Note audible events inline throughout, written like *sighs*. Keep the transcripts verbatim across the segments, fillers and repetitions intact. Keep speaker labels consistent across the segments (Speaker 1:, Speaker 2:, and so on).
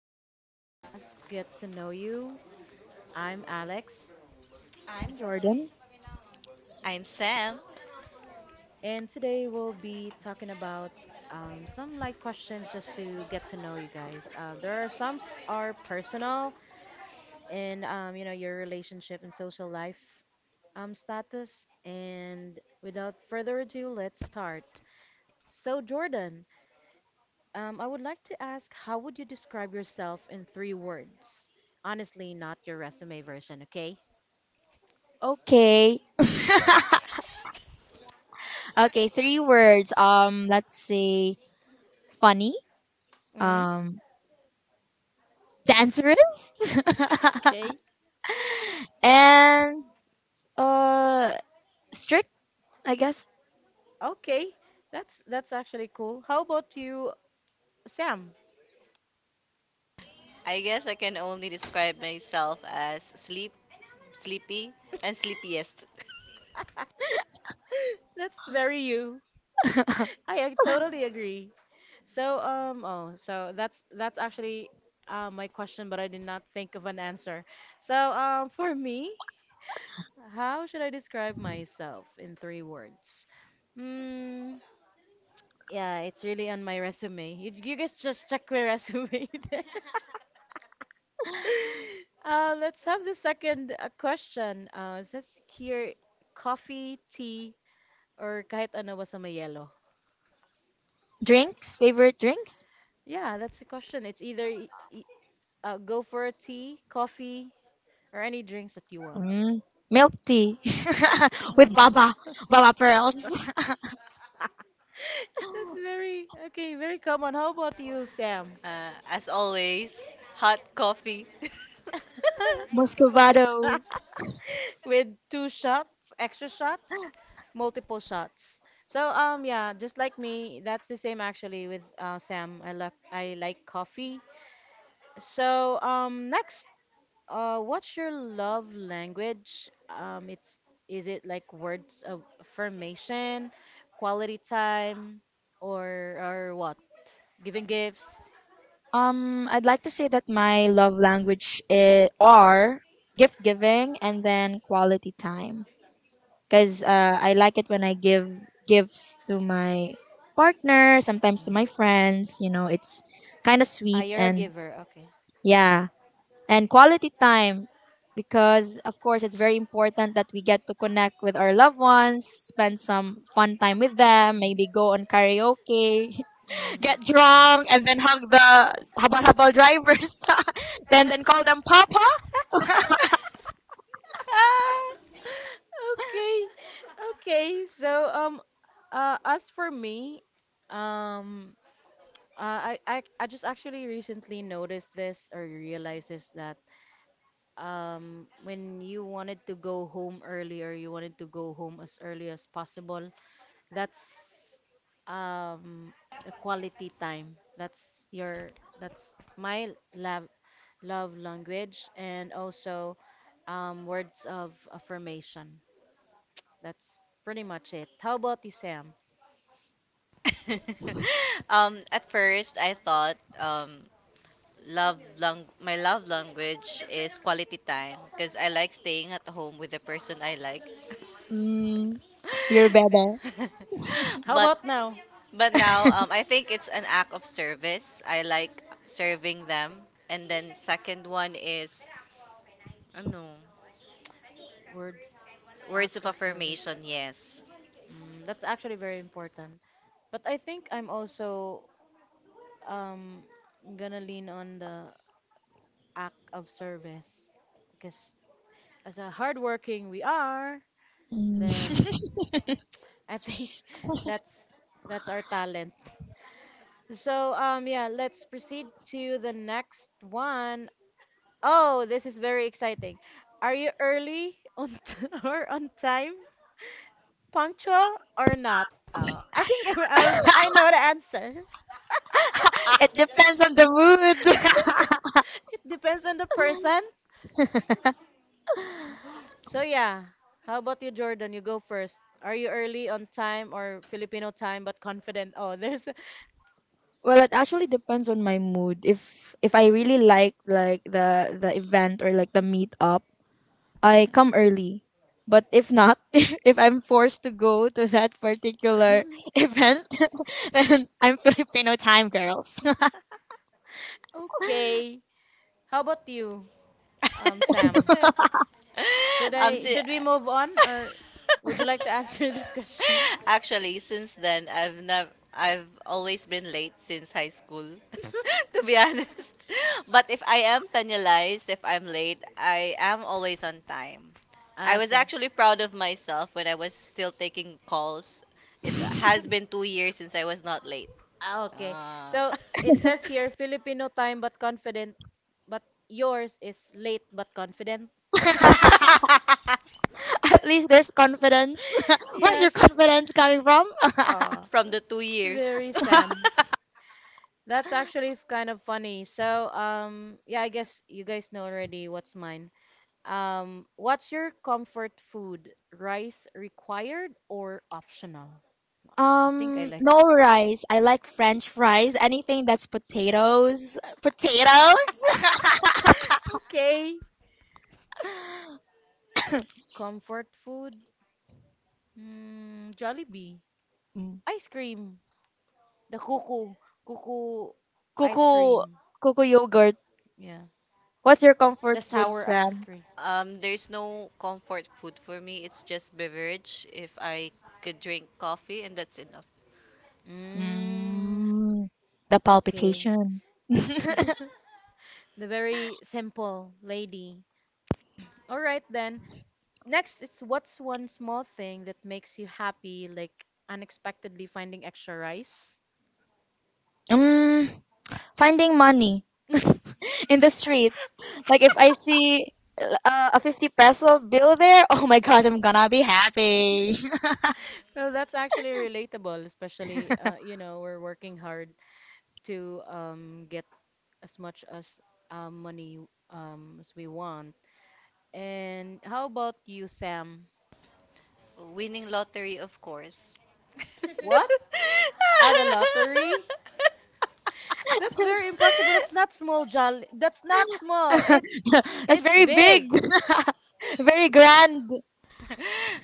Speaker 1: our podcast, Get to Know You. I'm Alex,
Speaker 2: I'm
Speaker 3: I'm
Speaker 2: Jordan.
Speaker 3: Jordan.
Speaker 2: I'm Sam.
Speaker 1: and today we'll be talking about um, some light questions just to get to know you guys. Uh, there are some are personal and um, you know your relationship and social life um, status. And without further ado, let's start. So Jordan, um, I would like to ask, how would you describe yourself in three words? Honestly, not your resume version, okay?
Speaker 3: Okay. *laughs* Okay, three words. Um, let's say funny,
Speaker 1: Mm,
Speaker 3: um, dangerous,
Speaker 1: okay.
Speaker 3: *laughs* and uh, strict. I guess.
Speaker 1: Okay. That's that's actually cool. How about you, Sam?
Speaker 2: I guess I can only describe myself as sleep, sleepy, and sleepiest.
Speaker 1: *laughs* That's very you.
Speaker 3: *laughs*
Speaker 1: I, I totally agree. So um oh so that's that's actually uh, my question, but I did not think of an answer. So um for me, how should I describe myself in three words? Hmm. Yeah, it's really on my resume. You you guys just check my resume *laughs* there. *laughs* Uh, let's have the second uh, question. Uh, it says here coffee, tea, or kahit ano basta may yellow.
Speaker 3: Drinks, favorite drinks.
Speaker 1: Yeah, that's the question. It's either y- y- uh, go for a tea, coffee, or any drinks that you want.
Speaker 3: Mm, milk tea
Speaker 1: *laughs*
Speaker 3: *laughs*
Speaker 1: With
Speaker 3: with
Speaker 1: baba,
Speaker 3: baba, baba
Speaker 1: baba pearl.
Speaker 3: pearls,
Speaker 1: *laughs* That's
Speaker 3: *laughs*
Speaker 1: very okay, very common. How about you, Sam?
Speaker 2: Uh, as always, hot coffee. *laughs*
Speaker 3: muscovado.
Speaker 1: *laughs* with two shots, extra shots, multiple shots. So um yeah, just like me, that's the same actually with uh, Sam. I like I like coffee. So um next, uh what's your love language? Um it's is it like words of affirmation, quality time, or or what? Giving gifts?
Speaker 3: Um, I'd like to say that my love language i- are gift giving and then quality time. Because uh, I like it when I give gifts to my partner, sometimes to my friends. You know, it's kind of
Speaker 1: Ah,
Speaker 3: sweet.
Speaker 1: you're a
Speaker 3: And
Speaker 1: giver. Okay.
Speaker 3: yeah, and quality time, because of course it's very important that we get to connect with our loved ones, spend some fun time with them, maybe go on karaoke, *laughs* get drunk, and then hug the habal habal drivers, *laughs* then then call them papa.
Speaker 2: Ah!
Speaker 1: Mm. Okay, okay. So um, uh, as for me, um, uh, I, I I just actually recently noticed this or realized this that um, when you wanted to go home early or you wanted to go home as early as possible, that's um the quality time that's your that's my love love language and also um, words of affirmation. That's pretty much it. How about you, Sam?
Speaker 2: *laughs* um, at first, I thought um, love lang- my love language is quality time because I like staying at home with the person I like. *laughs*
Speaker 3: Mm, you're better.
Speaker 2: *laughs*
Speaker 1: How
Speaker 2: but
Speaker 1: about now?
Speaker 2: but now um, I think it's an act of service. I like serving them. And then second one is ano,
Speaker 1: Words,
Speaker 2: words
Speaker 1: act
Speaker 2: of
Speaker 1: of service.
Speaker 2: affirmation, yes.
Speaker 1: Mm, that's actually very important, but I think I'm also um gonna lean on the act of service because as a hardworking we are,
Speaker 3: Mm.
Speaker 1: then I think *laughs* that's that's our talent. So um yeah, let's proceed to the next one. Oh, this is very exciting. Are you early on t- *laughs* or on time? Punctual or not? Uh, I think I, I, was- I know the answer.
Speaker 3: It depends on the mood. *laughs*
Speaker 1: *laughs* It depends on the person. So yeah, how about you, Jordan? You go first. Are you early on time or Filipino time but confident? Oh, there's
Speaker 3: Well, it actually depends on my mood. If if I really like like the the event or like the meetup, I come early. But if not, *laughs* if I'm forced to go to that particular *laughs*
Speaker 1: *laughs*
Speaker 3: event, *laughs* then I'm Filipino time, girls.
Speaker 1: Okay. How about you, um,
Speaker 2: *laughs*
Speaker 1: Sam? Should
Speaker 2: um,
Speaker 1: I
Speaker 2: si-
Speaker 1: should we move on or would you like to *laughs* answer this question?
Speaker 2: *laughs* Actually, since then, I've never, I've always been late since high school, *laughs* to be honest. But if I am penalized, if I'm late, I am always on time. I
Speaker 1: Ah,
Speaker 2: was
Speaker 1: so.
Speaker 2: actually proud of myself when I was still taking calls. It has been two years since I was not late.
Speaker 1: Ah, okay.
Speaker 2: Ah.
Speaker 1: So it says here Filipino time but confident, but yours is late but confident. *laughs*
Speaker 2: *laughs*
Speaker 3: *laughs* At least there's confidence. *laughs* Where's your
Speaker 1: Yes.
Speaker 3: confidence coming from?
Speaker 1: Ah,
Speaker 2: From the two years.
Speaker 1: very Sam.
Speaker 2: *laughs*
Speaker 1: That's actually f- kind of funny. So, um, yeah, I guess you guys know already what's mine. Um, what's your comfort food? Rice required or optional? I I think I
Speaker 3: Um,
Speaker 1: like.
Speaker 3: no
Speaker 1: rice.
Speaker 3: rice. I like French fries. Anything that's
Speaker 1: *laughs*
Speaker 3: potatoes. Potatoes.
Speaker 1: Okay. Comfort food? Mm, Jollibee.
Speaker 3: Mm.
Speaker 1: Ice cream. The kuku. Kuku ice
Speaker 3: Kuku,
Speaker 1: cream.
Speaker 3: kuku yogurt.
Speaker 1: Yeah.
Speaker 3: What's your
Speaker 1: The
Speaker 3: comfort food,
Speaker 1: sour ice
Speaker 3: Sam?
Speaker 1: cream.
Speaker 2: Um, there's no comfort food for me. It's just beverage. If I could drink coffee and that's enough.
Speaker 1: Mm,
Speaker 3: Mm, the
Speaker 1: okay.
Speaker 3: palpitation.
Speaker 1: *laughs* The very simple lady. All right then. Next is what's one small thing that makes you happy, like unexpectedly finding extra rice? *laughs*
Speaker 3: Mm, Finding money *laughs* in the street. Like if I see uh, a fifty peso bill there, *laughs* oh my gosh, I'm gonna be happy.
Speaker 1: Well, that's actually relatable, especially uh, you know, we're working hard to um get as much as uh, money um as we want. And how about you, Sam?
Speaker 2: Winning lottery, of course. *laughs*
Speaker 1: What? At the lottery? That's very impossible. That's not small, Jolly. That's not small. It's
Speaker 3: *laughs* That's
Speaker 1: it's
Speaker 3: very big,
Speaker 1: big.
Speaker 3: *laughs* very grand.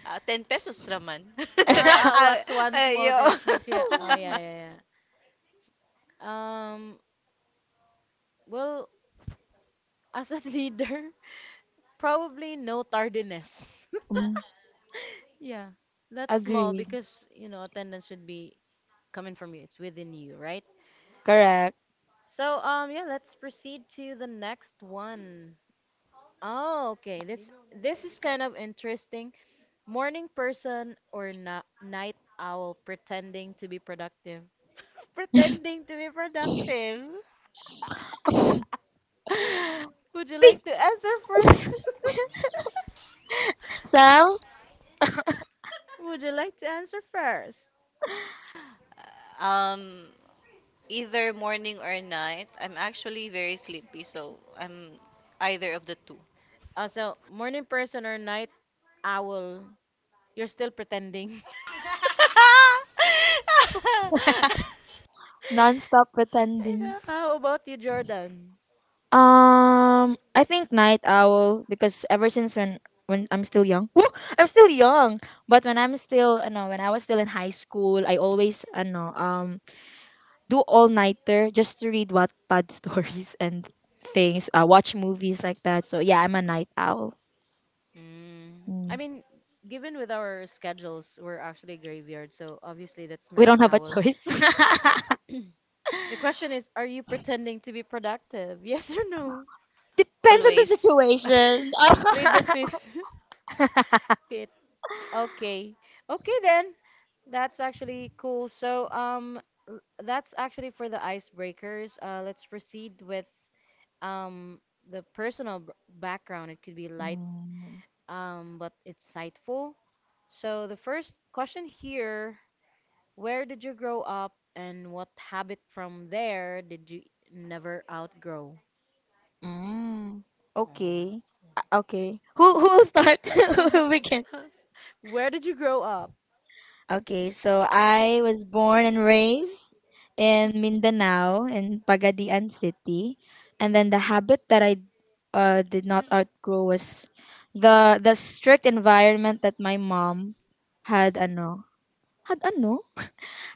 Speaker 2: Ah, ten pesos raman.
Speaker 1: Uh,
Speaker 2: *laughs*
Speaker 3: *laughs*
Speaker 1: uh,
Speaker 2: Ah,
Speaker 1: what's one small
Speaker 2: ayo.
Speaker 1: thing that makes you? Oh yeah, yeah, yeah. Um, well, as a *laughs* leader, probably no tardiness. *laughs*
Speaker 3: Mm,
Speaker 1: Yeah, that's small
Speaker 3: agreed.
Speaker 1: because you know attendance should be coming from you. It's within you, right?
Speaker 3: Correct.
Speaker 1: So um, yeah, let's proceed to the next one. Oh, okay. This this is kind of interesting. Morning person or na night owl pretending to be productive. *laughs* Pretending to be productive.
Speaker 3: *laughs*
Speaker 1: Would you
Speaker 3: Think,
Speaker 1: like to answer first? *laughs*
Speaker 3: Sal,
Speaker 1: Would you like to answer first?
Speaker 2: um Either morning or night. I'm actually very sleepy, so I'm either of the two.
Speaker 1: Also, morning person or night owl? You're still pretending. *laughs*
Speaker 2: *laughs*
Speaker 3: non-stop pretending.
Speaker 1: Yeah, how about you, Jordan?
Speaker 3: Um, I think night owl, because ever since, when when I'm still young, *laughs* woo! I'm still young. But when I'm still, you know, when I was still in high school, I always, you know, um, do all nighter just to read Wattpad *laughs* stories and things. Uh, watch movies like that. So yeah, I'm a night owl.
Speaker 1: Mm, I
Speaker 3: Mm.
Speaker 1: mean, given with our schedules, we're actually graveyard, so obviously that's
Speaker 3: We
Speaker 1: night
Speaker 3: don't have a
Speaker 1: owl.
Speaker 3: choice. *laughs*
Speaker 1: *clears throat* The question is, are you pretending to be productive? *laughs* Yes or no?
Speaker 3: Depends on the
Speaker 2: Always. Situation.
Speaker 1: *laughs* Plead the
Speaker 3: situation.
Speaker 1: fifth.
Speaker 3: *laughs*
Speaker 1: *laughs* Okay, okay. Okay then. That's actually cool. So um l- that's actually for the icebreakers. Uh, let's proceed with um the personal b- background. It could be light
Speaker 3: Mm.
Speaker 1: um but insightful. So the first question here, where did you grow up and what habit from there did you never outgrow?
Speaker 3: Mm.
Speaker 1: Oh.
Speaker 3: Okay. Uh, Okay. Who who will start? *laughs* Who will begin?
Speaker 1: *laughs* Where did you grow up?
Speaker 3: Okay, so I was born and raised in Mindanao, in Pagadian City, and then the habit that I uh, did not outgrow was the the strict environment that my mom had ano had ano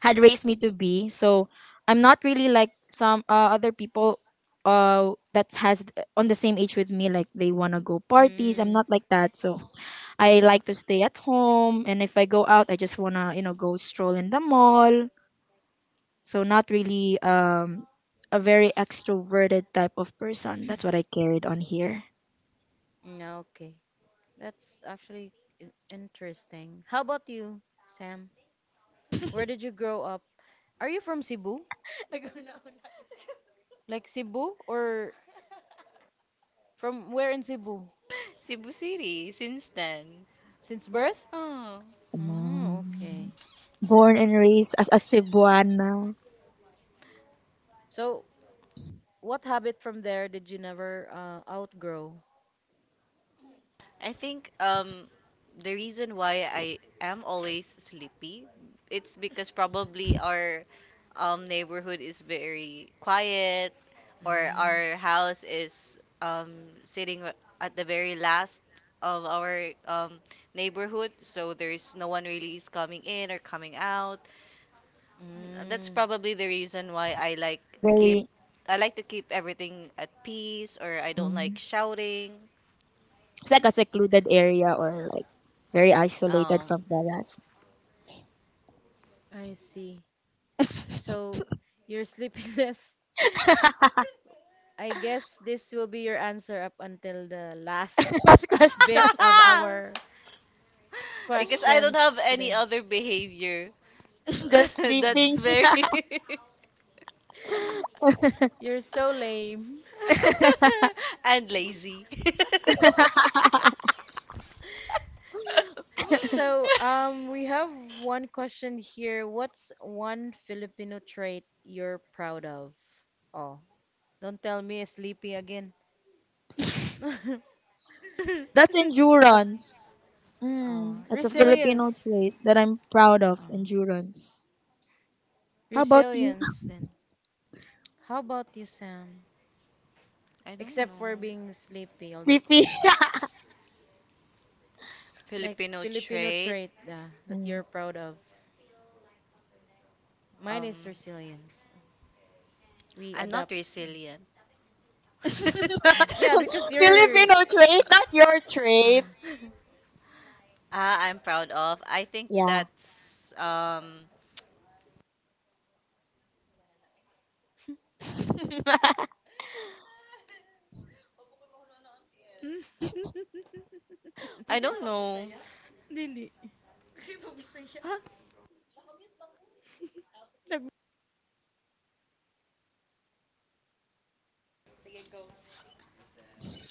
Speaker 3: had raised me to be. So I'm not really like some uh, other people uh that has, uh, on the same age with me, like they wanna go parties. I'm
Speaker 1: Mm,
Speaker 3: not like that. So I like to stay at home, and if I go out, I just wanna you know go stroll in the mall. So not really um a very extroverted type of person. That's what I carried on here.
Speaker 1: mm, okay. That's actually in- interesting. How about you, Sam? Where did you grow up? Are you from Cebu?
Speaker 3: *laughs*
Speaker 1: Like Cebu or from where in Cebu?
Speaker 2: Cebu City since then.
Speaker 1: Since birth?
Speaker 2: Oh,
Speaker 1: Mm, okay.
Speaker 3: Mm. Born and raised as a Cebuana,
Speaker 1: So, what habit from there did you never uh, outgrow?
Speaker 2: I think um the reason why I am always sleepy, it's because probably our um neighborhood is very quiet, or
Speaker 1: Mm.
Speaker 2: our house is um sitting at the very last of our um neighborhood, so there's no one really is coming in or coming out. That's
Speaker 1: Mm.
Speaker 2: probably the reason why I like keep
Speaker 3: very
Speaker 2: I like to keep everything at peace, or I don't like
Speaker 3: mm,
Speaker 2: shouting.
Speaker 3: it's like a secluded area, or like very isolated
Speaker 2: Um.
Speaker 3: from the rest.
Speaker 1: I see. So, your sleepiness *laughs* I guess this will be your answer up until the last
Speaker 3: *laughs* Last
Speaker 1: *laughs* bit
Speaker 3: question:
Speaker 1: of
Speaker 2: *laughs*
Speaker 1: our
Speaker 2: Because I don't
Speaker 1: questions
Speaker 2: have any
Speaker 1: today.
Speaker 2: other behavior.
Speaker 3: *laughs* the
Speaker 2: *laughs* That's
Speaker 1: Mm.
Speaker 3: sleeping.
Speaker 2: very
Speaker 1: *laughs* You're so lame.
Speaker 2: *laughs* and lazy. *laughs*
Speaker 1: So, um, we have one question here. What's one Filipino trait you're proud of? Oh, don't tell me sleepy again. *laughs* Af-
Speaker 3: That's endurance.
Speaker 1: oh,
Speaker 3: Mm, that's a Filipino
Speaker 1: resilience.
Speaker 3: trait that I'm proud of.
Speaker 1: Oh,
Speaker 3: Endurance. How about you,
Speaker 1: resilience then. How about you, Sam?
Speaker 2: I don't know.
Speaker 1: Except for being sleepy all
Speaker 3: *laughs*
Speaker 1: the
Speaker 3: V P?
Speaker 1: time. Like
Speaker 2: Filipino
Speaker 1: Filipino
Speaker 2: trait.
Speaker 1: trait uh, that you're
Speaker 3: Mm.
Speaker 1: proud of. Mine
Speaker 2: Um,
Speaker 1: is resilience. We
Speaker 2: I'm not
Speaker 1: adapt.
Speaker 2: resilient. *laughs*
Speaker 3: *laughs*
Speaker 1: Mm,
Speaker 2: *laughs*
Speaker 1: yeah, because you're.
Speaker 3: Filipino
Speaker 2: Filipino
Speaker 3: trait,
Speaker 2: trait,
Speaker 1: Uh.
Speaker 3: not
Speaker 2: not your
Speaker 3: your trait.
Speaker 2: trait. *laughs* Ah, I'm proud of. I think. Yeah.
Speaker 3: Yeah.
Speaker 2: that's um
Speaker 3: *laughs*
Speaker 1: *laughs*
Speaker 2: I
Speaker 3: Pwede na
Speaker 2: don't
Speaker 3: mag-Bisaya.
Speaker 2: know.
Speaker 1: Dili.
Speaker 2: Sino ba sa'yo? *laughs* Huh?
Speaker 1: Nag-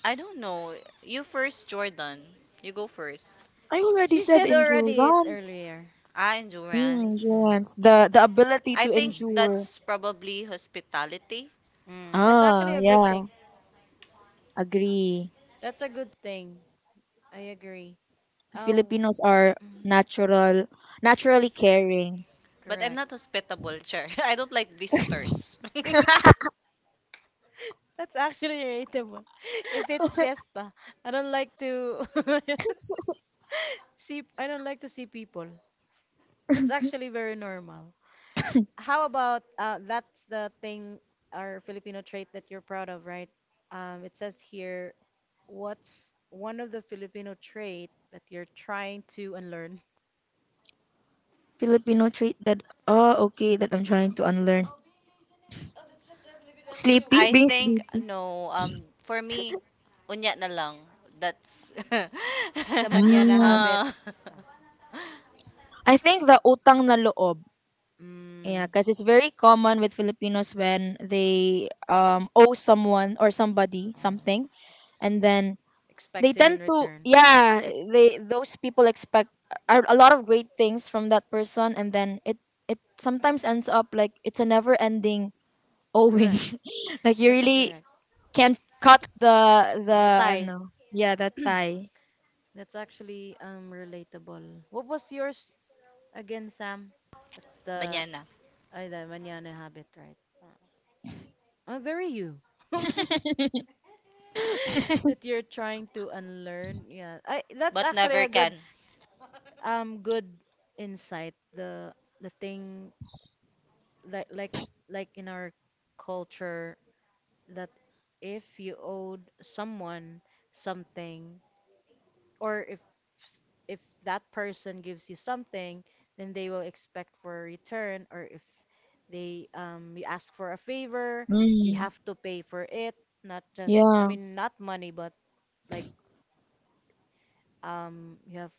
Speaker 2: I don't know. You first, Jordan. You go first.
Speaker 3: I already
Speaker 1: She
Speaker 3: said
Speaker 1: said already it
Speaker 3: endurance.
Speaker 1: earlier.
Speaker 2: Ah,
Speaker 3: Mm,
Speaker 2: endurance.
Speaker 1: Mm.
Speaker 3: endurance.
Speaker 2: The
Speaker 3: The the
Speaker 2: the ability
Speaker 3: ability
Speaker 2: I
Speaker 3: to
Speaker 2: to think endure.
Speaker 3: endure.
Speaker 2: That's
Speaker 1: Mm.
Speaker 2: probably hospitality.
Speaker 1: Mm. That's
Speaker 2: Ah.
Speaker 3: Ah,
Speaker 1: actually a good
Speaker 3: yeah.
Speaker 1: thing.
Speaker 3: Agree.
Speaker 1: That's a good thing. I agree.
Speaker 3: Because
Speaker 1: Uh, w-
Speaker 3: Filipinos are
Speaker 1: mm,
Speaker 3: natural,
Speaker 2: Naturally
Speaker 3: naturally
Speaker 2: caring.
Speaker 3: caring.
Speaker 2: But I'm
Speaker 1: correct.
Speaker 2: not hospitable, Char. *laughs* I don't like visitors. *laughs*
Speaker 1: That's actually relatable. *laughs* If it's fiesta, I don't like to *laughs* see I don't like to see people. That's actually very normal. How about uh that's the thing or Filipino trait that you're proud of, right? Um, it says here, what's one of the Filipino trait that you're trying to unlearn? *laughs*
Speaker 3: Filipino trait that, oh, okay, that I'm trying to unlearn. Sleepy?
Speaker 2: I
Speaker 3: Being
Speaker 2: think
Speaker 3: sleepy.
Speaker 2: no. Um, for me, unya na lang. That's *laughs*
Speaker 1: The manana
Speaker 3: Mm.
Speaker 1: habit.
Speaker 2: uh,
Speaker 1: Ah,
Speaker 3: I think the utang na loob. Yeah,
Speaker 1: mm,
Speaker 3: because it's very common with Filipinos when they um owe someone or somebody
Speaker 1: uh,
Speaker 3: something, and then they
Speaker 1: expecting in
Speaker 3: tend to,
Speaker 1: return.
Speaker 3: yeah, they, those people expect a, a lot of great things from that person, and then it it sometimes ends up like it's a never ending owing,
Speaker 1: Correct.
Speaker 3: *laughs* like you
Speaker 1: That's actually
Speaker 3: really
Speaker 1: right.
Speaker 3: can't cut the
Speaker 1: The
Speaker 3: the I
Speaker 1: tie.
Speaker 3: know, yeah, that
Speaker 1: *clears throat*
Speaker 3: tie.
Speaker 1: That's actually um relatable. What was yours again, Sam? That's the
Speaker 2: manyana.
Speaker 1: ay the mañana habit, right? Uh, oh, very you. *laughs* That you're trying to unlearn. Yeah. I that's
Speaker 2: But
Speaker 1: actually
Speaker 2: never
Speaker 1: a good
Speaker 2: can.
Speaker 1: um good insight. The the thing that like s- like in our culture that if you owed someone something or if s- if that person gives you something, then they will expect for a return. Or if they um you ask for a favor, you
Speaker 3: Mm,
Speaker 1: have to pay for it. Not just I
Speaker 3: yeah,
Speaker 1: mean not money, but like um you have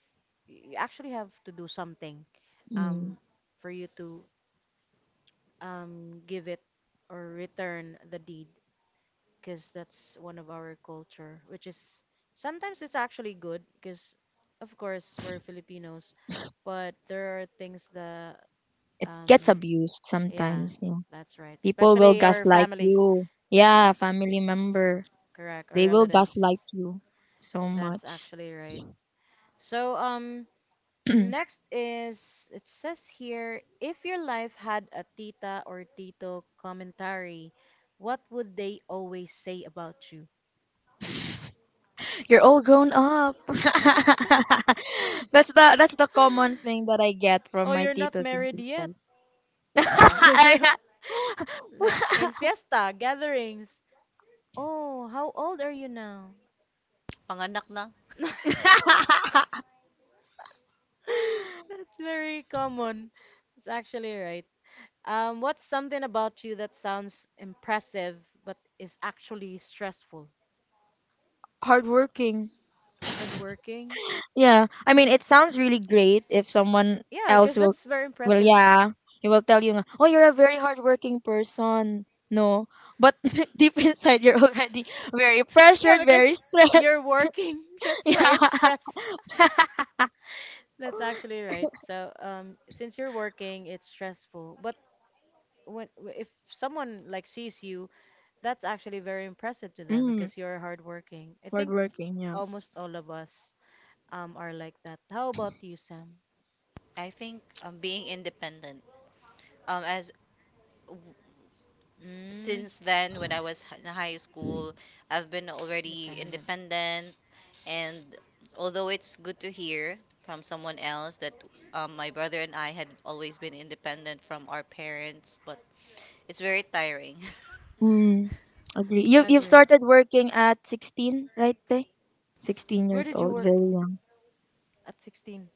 Speaker 1: you actually have to do something
Speaker 3: mm.
Speaker 1: um for you to um give it or return the deed, because that's one of our culture, which is sometimes it's actually good because, of course, we're Filipinos, but there are things that,
Speaker 3: It
Speaker 1: um,
Speaker 3: gets abused
Speaker 1: yeah,
Speaker 3: sometimes. Yeah.
Speaker 1: that's right.
Speaker 3: People will
Speaker 1: Especially our
Speaker 3: gaslight
Speaker 1: families,
Speaker 3: you. Yeah, family member.
Speaker 1: correct, our
Speaker 3: They will
Speaker 1: relatives.
Speaker 3: gaslight you so
Speaker 1: That's
Speaker 3: much.
Speaker 1: actually right. So, um, next is it says here, if your life had a tita or tito commentary, what would they always say about you?
Speaker 3: You're all grown up. *laughs*
Speaker 1: *laughs*
Speaker 3: that's the that's the common thing that I get
Speaker 1: Oh,
Speaker 3: from my
Speaker 1: you're not
Speaker 3: titos and
Speaker 1: married yet.
Speaker 3: titas. *laughs*
Speaker 1: Ah. *laughs* Like in fiesta gatherings. Oh, how old are you now?
Speaker 2: Panganak na.
Speaker 1: *laughs* That's very common. It's actually right. Um, what's something about you that sounds impressive but is actually stressful?
Speaker 3: Hardworking.
Speaker 1: Hardworking?
Speaker 3: Yeah. I mean, it sounds really great if someone
Speaker 1: Yeah, because
Speaker 3: else will,
Speaker 1: that's very
Speaker 3: well,
Speaker 1: impressive.
Speaker 3: yeah, he will tell you, nga, "Oh, you're a very hardworking person." No, but *laughs* deep inside, you're already very
Speaker 1: Yeah,
Speaker 3: pressured,
Speaker 1: because
Speaker 3: very
Speaker 1: you're
Speaker 3: stressed.
Speaker 1: working.
Speaker 3: *laughs*
Speaker 1: *laughs* That's why
Speaker 3: Yeah.
Speaker 1: it's stress. That's actually right. So, um, since you're working, it's stressful. But when w- if someone like sees you, that's actually very impressive to them
Speaker 3: Mm.
Speaker 1: because you're hardworking. I think
Speaker 3: Hardworking, yeah.
Speaker 1: almost all of us um are like that. How about you, Sam?
Speaker 2: I think um, being independent. Um, as w-
Speaker 1: Mm,
Speaker 2: since then, when I was h- in high school, I've been already
Speaker 1: independent.
Speaker 2: independent. And although it's good to hear from someone else that um, my brother and I had always been independent from our parents, but it's very tiring. *laughs*
Speaker 3: Mm, agree. You you've
Speaker 1: Agree.
Speaker 3: started working at sixteen, right, Tay? sixteen
Speaker 1: Where
Speaker 3: years
Speaker 1: did you
Speaker 3: old,
Speaker 1: work
Speaker 3: very young.
Speaker 1: at sixteen?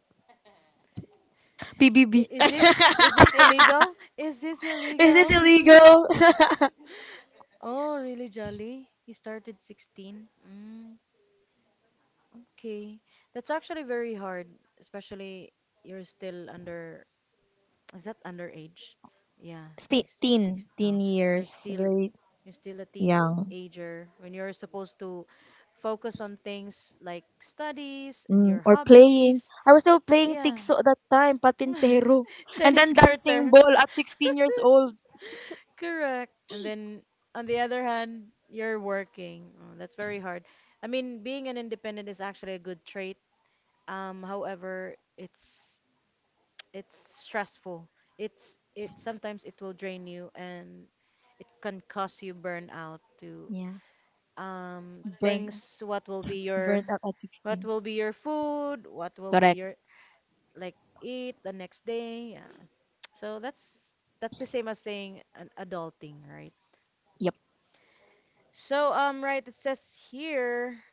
Speaker 1: I-
Speaker 3: P B B.
Speaker 1: Is this
Speaker 3: *laughs*
Speaker 1: is this *laughs* illegal? Is this
Speaker 3: Is this
Speaker 1: illegal? *laughs*
Speaker 3: illegal?
Speaker 1: Oh, really, Jolly? You started sixteen? Mm, okay. That's actually very hard, especially you're still under, is that underage? Yeah,
Speaker 3: *laughs* Sti-
Speaker 1: six,
Speaker 3: teen,
Speaker 1: six, uh,
Speaker 3: teen
Speaker 1: you're
Speaker 3: years,
Speaker 1: still
Speaker 3: very
Speaker 1: you're still a
Speaker 3: young.
Speaker 1: teenager when you're supposed to focus on things like studies and your
Speaker 3: Mm, or playing.
Speaker 1: hobbies.
Speaker 3: I was still playing
Speaker 1: Yeah.
Speaker 3: tigso at that time, patintero.
Speaker 1: *laughs*
Speaker 3: And
Speaker 1: Chinese
Speaker 3: then dancing
Speaker 1: garter.
Speaker 3: ball at sixteen years old.
Speaker 1: *laughs* Correct. And then on the other hand, you're working. Oh, that's very hard. I mean, being an independent is actually a good trait. Um, however, it's it's stressful. It's it sometimes it will drain you and it can cause you burnout to
Speaker 3: Yeah.
Speaker 1: um
Speaker 3: Burnt,
Speaker 1: things what will be your
Speaker 3: burnt out at
Speaker 1: what
Speaker 3: sixteen.
Speaker 1: will be your food, what will be
Speaker 3: Correct.
Speaker 1: your like eat the next day. Yeah. So that's that's the same as saying an adulting, right?
Speaker 3: Yep.
Speaker 1: So um right it says here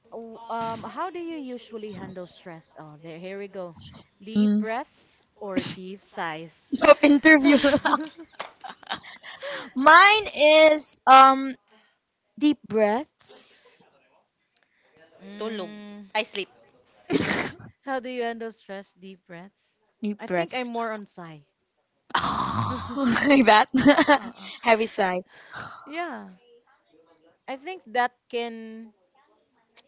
Speaker 1: w- um how do you usually handle stress? Oh, there here we go. Deep
Speaker 3: Mm.
Speaker 1: breaths or deep
Speaker 3: *laughs*
Speaker 1: sighs?
Speaker 3: Job interview.
Speaker 1: *laughs*
Speaker 3: *laughs* Mine
Speaker 2: Mine is
Speaker 3: is um Deep breaths.
Speaker 2: Tulog.
Speaker 1: mm,
Speaker 2: I sleep. *laughs*
Speaker 1: how do you handle stress? Deep breaths?
Speaker 3: Deep
Speaker 1: I think
Speaker 3: breaths.
Speaker 1: I'm more on sigh. *laughs*
Speaker 3: *sighs* Like that.
Speaker 1: Uh-uh.
Speaker 3: *laughs* Heavy sigh.
Speaker 1: Yeah. I think that can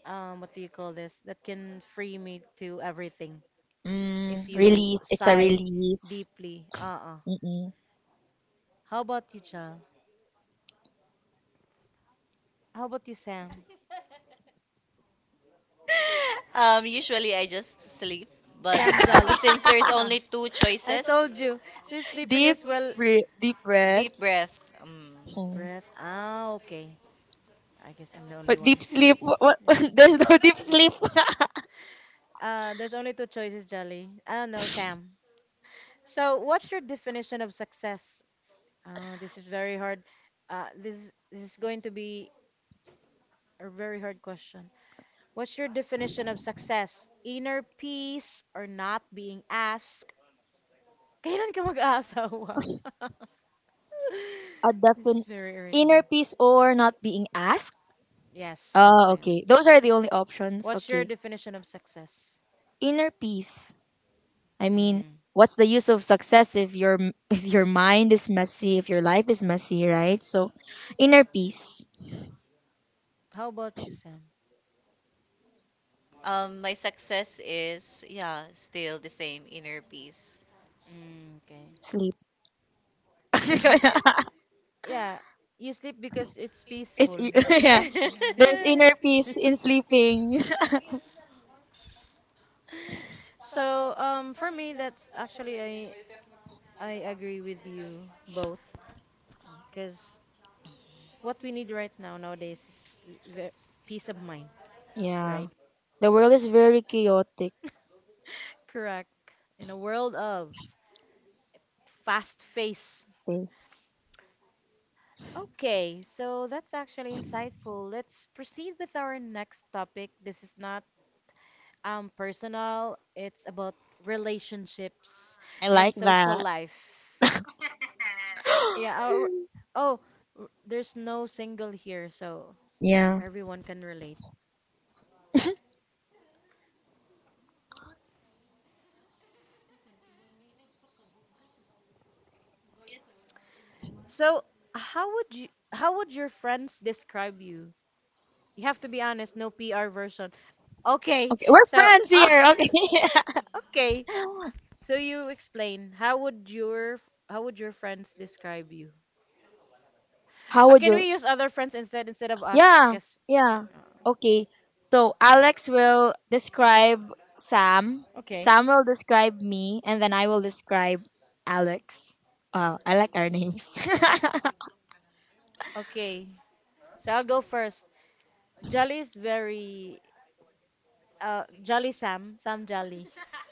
Speaker 1: um what do you call this? That can free me to everything. If
Speaker 3: Mm,
Speaker 1: you
Speaker 3: release. It's a
Speaker 1: sigh
Speaker 3: release.
Speaker 1: deeply. Uh-uh.
Speaker 3: Mm-mm.
Speaker 1: How about you, Jal? How about you, Sam?
Speaker 2: Um, usually I just sleep, but
Speaker 1: Sam
Speaker 2: *laughs*
Speaker 1: Jolly.
Speaker 2: since there's
Speaker 1: *laughs*
Speaker 2: only two
Speaker 1: I
Speaker 2: choices,
Speaker 1: told you, this
Speaker 3: Deep
Speaker 1: sleepiness well.
Speaker 3: breath. Deep
Speaker 2: deep
Speaker 3: breaths.
Speaker 2: breath. Um.
Speaker 1: Deep
Speaker 3: Hmm.
Speaker 1: breath. Ah, okay. I guess I'm the only
Speaker 3: But deep
Speaker 1: one.
Speaker 3: sleep. What, what? *laughs* There's no deep sleep. *laughs*
Speaker 1: Uh, there's only two choices, Jolly. Ah, no, Sam. So, what's your definition of success? Oh, this is very hard. Uh, this this is going to be a very hard question. What's your definition of success? Inner peace or not being asked? *laughs* Kailan ka mag-aasawa?
Speaker 3: A
Speaker 1: *laughs* It's
Speaker 3: definite
Speaker 1: very irritable.
Speaker 3: inner peace or not being asked.
Speaker 1: Yes, that's
Speaker 3: Oh,
Speaker 1: it.
Speaker 3: okay. Those are the only options.
Speaker 1: What's your
Speaker 3: Okay.
Speaker 1: definition of success?
Speaker 3: Inner peace. I mean,
Speaker 1: Mm.
Speaker 3: what's the use of success if your if your mind is messy, if your life is messy, right? So, inner peace.
Speaker 1: How about you, Sam?
Speaker 2: Um, my success is, yeah, still the same inner peace.
Speaker 1: Mm, okay.
Speaker 3: Sleep. *laughs*
Speaker 1: *laughs* Yeah, you sleep because it's
Speaker 2: *laughs*
Speaker 3: it's
Speaker 1: peaceful.
Speaker 3: e-
Speaker 2: *laughs*
Speaker 3: *laughs*
Speaker 2: There's
Speaker 3: yeah.
Speaker 1: *laughs*
Speaker 3: There's inner
Speaker 2: inner
Speaker 1: Yeah.
Speaker 3: peace
Speaker 2: peace in
Speaker 3: in
Speaker 2: sleeping.
Speaker 3: sleeping. *laughs*
Speaker 1: So, um, for me, that's actually I I agree with you both, because what we need right now nowadays is the peace of mind,
Speaker 3: Yeah.
Speaker 1: right?
Speaker 3: The world is very chaotic.
Speaker 1: Correct. In a world of fast face.
Speaker 3: Faith.
Speaker 1: Okay, so that's actually insightful. Let's proceed with our next topic. This is not um personal, it's about relationships
Speaker 3: I like
Speaker 1: and social
Speaker 3: that.
Speaker 1: life. Yeah,
Speaker 3: *gasps*
Speaker 1: our, oh, r- there's no single here, so
Speaker 3: Yeah.
Speaker 1: everyone can relate. So, how would you how would your friends describe you? You have to be honest, no P R version. Okay,
Speaker 3: Okay, we're
Speaker 1: so
Speaker 3: friends
Speaker 1: *laughs*
Speaker 3: here. Okay.
Speaker 1: okay. So you explain. How would your how would your friends describe you?
Speaker 3: *laughs* How
Speaker 1: Uh,
Speaker 3: would
Speaker 1: can
Speaker 3: you?
Speaker 1: we use other friends instead instead of us?
Speaker 3: Yeah.
Speaker 1: Cause
Speaker 3: Yeah.
Speaker 1: uh,
Speaker 3: Okay. So Alex will describe Sam.
Speaker 1: okay,
Speaker 3: Sam will describe me, and then I will describe Alex. Wow, I like our names.
Speaker 1: okay. So I'll go first. Jolly is very uh Jolly Sam Sam Jolly. *laughs*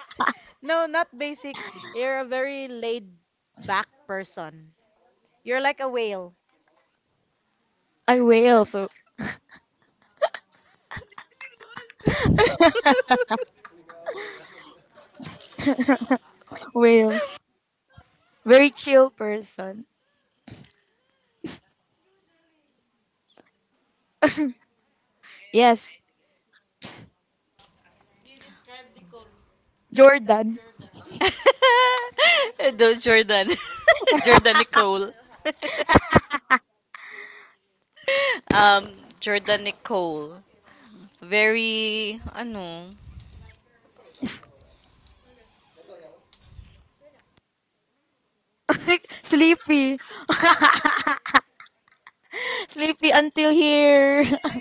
Speaker 1: No, not basic. You're a very laid back person. You're like a whale.
Speaker 3: *laughs* I whale, so
Speaker 2: *laughs*
Speaker 3: whale. Very chill person. Yes. Jordan.
Speaker 2: *laughs* Those Jordan. *laughs* Jordan Nicole. *laughs* um, Jordan Nicole. Very, ano,
Speaker 3: *laughs* Sleepy. *laughs* Sleepy until here. *laughs*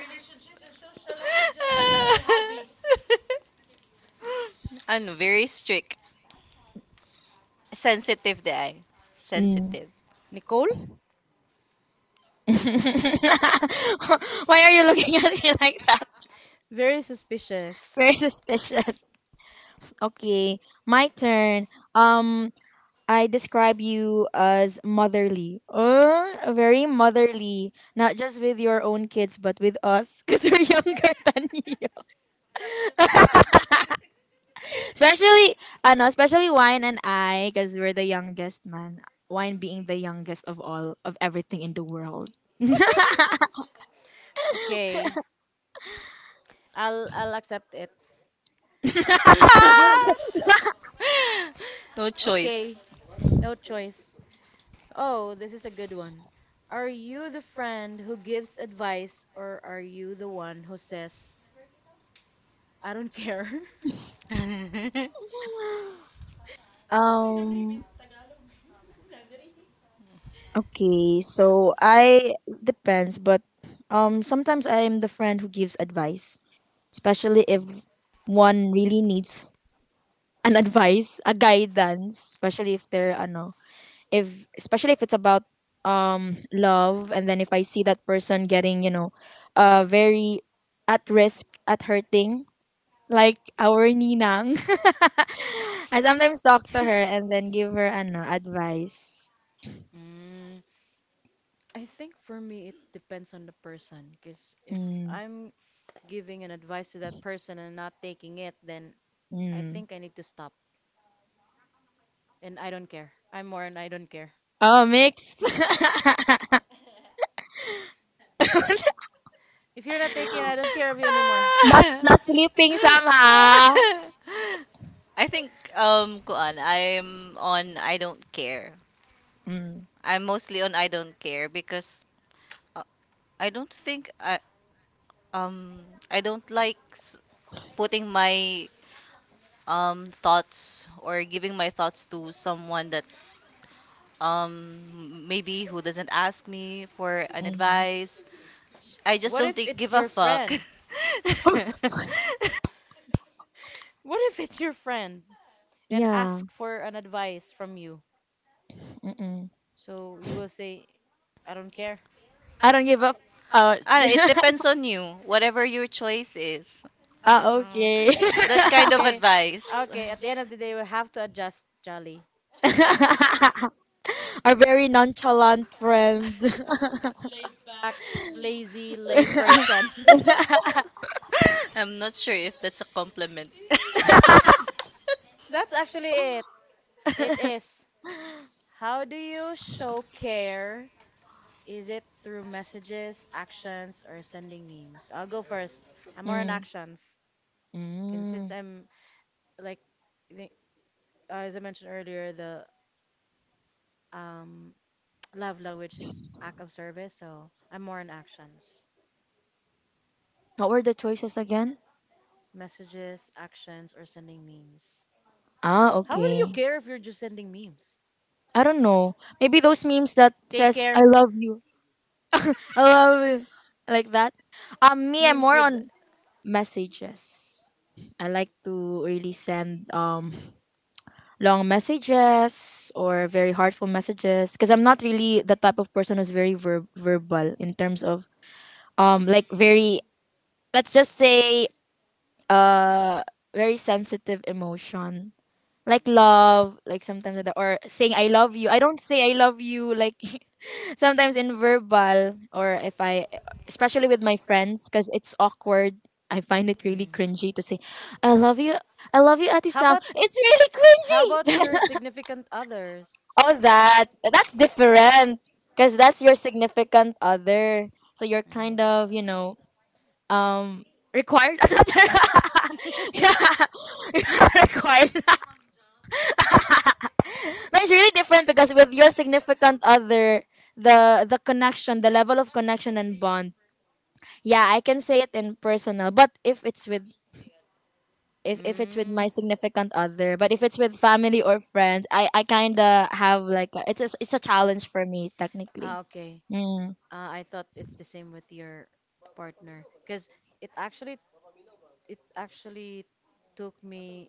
Speaker 2: *laughs* ano, very strict. Sensitive the eye.
Speaker 3: Mm.
Speaker 2: Sensitive.
Speaker 1: Nicole?
Speaker 3: *laughs* Why are you looking at me like that?
Speaker 1: Very suspicious.
Speaker 3: Very suspicious. Okay, my turn. Um, I describe you as motherly. Uh, very motherly. Not just with your own kids, but with us, because we're *laughs* younger than you. Especially, ano, especially Wine and I, because we're the youngest, man. Wine being the youngest of all, of everything in the world. *laughs*
Speaker 1: *laughs* Okay. I'll I'll accept it.
Speaker 2: Ah!
Speaker 1: *laughs*
Speaker 2: *laughs* No choice.
Speaker 1: Okay. No choice. Oh, this is a good one. Are you the friend who gives advice or are you the one who says, I don't care? *laughs*
Speaker 2: *laughs*
Speaker 3: um, okay, so I, depends, but um, sometimes I'm the friend who gives advice, especially if one really needs an advice, a guidance, especially if they're, ano, if especially if it's about um love. And then if I see that person getting, you know uh very at risk at hurting, like our ninang, *laughs* I sometimes talk to her and then give her, ano, advice.
Speaker 1: Mm, I think for me it depends on the person because if
Speaker 3: Mm,
Speaker 1: I'm giving an advice to that person and not taking it, then I
Speaker 3: mm.
Speaker 1: think I need to stop. And I don't care. I'm more and I don't care.
Speaker 3: Oh, mixed. *laughs*
Speaker 1: If you're not taking, I don't care of you anymore.
Speaker 3: not not sleeping, somehow.
Speaker 2: Ah. *laughs* I think um kuan I'm on I don't care.
Speaker 3: Mm,
Speaker 2: I'm mostly on I don't care because uh, I don't think I um I don't like s- putting my um thoughts or giving my thoughts to someone that um maybe who doesn't ask me for an
Speaker 3: mm.
Speaker 2: advice. I just
Speaker 1: What
Speaker 2: don't
Speaker 1: if
Speaker 2: think give
Speaker 1: it's
Speaker 2: a
Speaker 1: your
Speaker 2: fuck.
Speaker 1: friend?
Speaker 2: *laughs*
Speaker 1: What if it's your friend and
Speaker 3: Yeah.
Speaker 1: ask for an advice from you?
Speaker 3: Mm-mm.
Speaker 1: So you will say, I don't care.
Speaker 2: I
Speaker 3: I
Speaker 2: don't
Speaker 3: don't
Speaker 2: give
Speaker 3: give
Speaker 2: up.
Speaker 3: up.
Speaker 2: Oh.
Speaker 3: Oh,
Speaker 2: Ah, it depends on you. Whatever your choice is. *laughs* Ah,
Speaker 3: ah.
Speaker 2: mm,
Speaker 3: Okay.
Speaker 2: okay. That kind of
Speaker 1: Okay,
Speaker 2: advice. *laughs* Okay,
Speaker 1: okay. At the end
Speaker 2: that
Speaker 1: of the day, we have to adjust, Jolly.
Speaker 3: *laughs* Our very nonchalant friend. *laughs*
Speaker 2: advice.
Speaker 1: Act lazy, lame person.
Speaker 2: *laughs* I'm not sure if that's a compliment. *laughs*
Speaker 1: *laughs* That's actually it. It is. How do you show care? Is it through messages, actions, or sending memes? I'll go first. I'm more on
Speaker 3: Mm,
Speaker 1: actions. And since
Speaker 3: mm.
Speaker 1: I'm like, I think, uh, as I mentioned earlier, the um, *tsk* love language is act of service, so I'm more on actions,
Speaker 3: What were the choices again?
Speaker 1: messages, actions, or sending memes.
Speaker 3: Ah,
Speaker 1: How will you
Speaker 3: okay.
Speaker 1: care if you're just sending memes?
Speaker 3: I don't know. Maybe those memes that
Speaker 1: Take
Speaker 3: says "I
Speaker 1: care.
Speaker 3: love you," "I love you," like that. Um, me, I'm
Speaker 1: Memes
Speaker 3: more
Speaker 1: with.
Speaker 3: on messages. I like to really send um long messages or very heartful messages, because I'm not really the type of person who's very ver- verbal in terms of um like very, let's just say, uh very sensitive emotion, like love, like sometimes like that. Or saying I love you, I don't say I love you like, *laughs* sometimes in verbal. Or if I, especially with my friends, because it's awkward, I find it really
Speaker 1: Mm.
Speaker 3: cringy to say I love you, I love you, ati
Speaker 1: How
Speaker 3: Sam,
Speaker 1: about
Speaker 3: it's really
Speaker 1: how about
Speaker 3: cringy.
Speaker 1: your
Speaker 3: *laughs*
Speaker 1: significant others?
Speaker 3: All that, that's different, because that's your significant other, so you're kind of, you know, um required. *laughs* Another. *laughs* Yeah. *laughs* You are required. *laughs* No, it's really different, because with your significant other, the the connection, the level of connection and bond, yeah, I can say it in personal. But if it's with, if, if it's with my
Speaker 1: Mm. *laughs*
Speaker 3: significant other, but if it's with family or friends, i i kind of have like a, it's a, it's a challenge for
Speaker 1: Mm.
Speaker 3: me technically.
Speaker 1: Ah, okay.
Speaker 3: Mm.
Speaker 1: Uh, I thought it's the same with your partner, because it actually it actually took me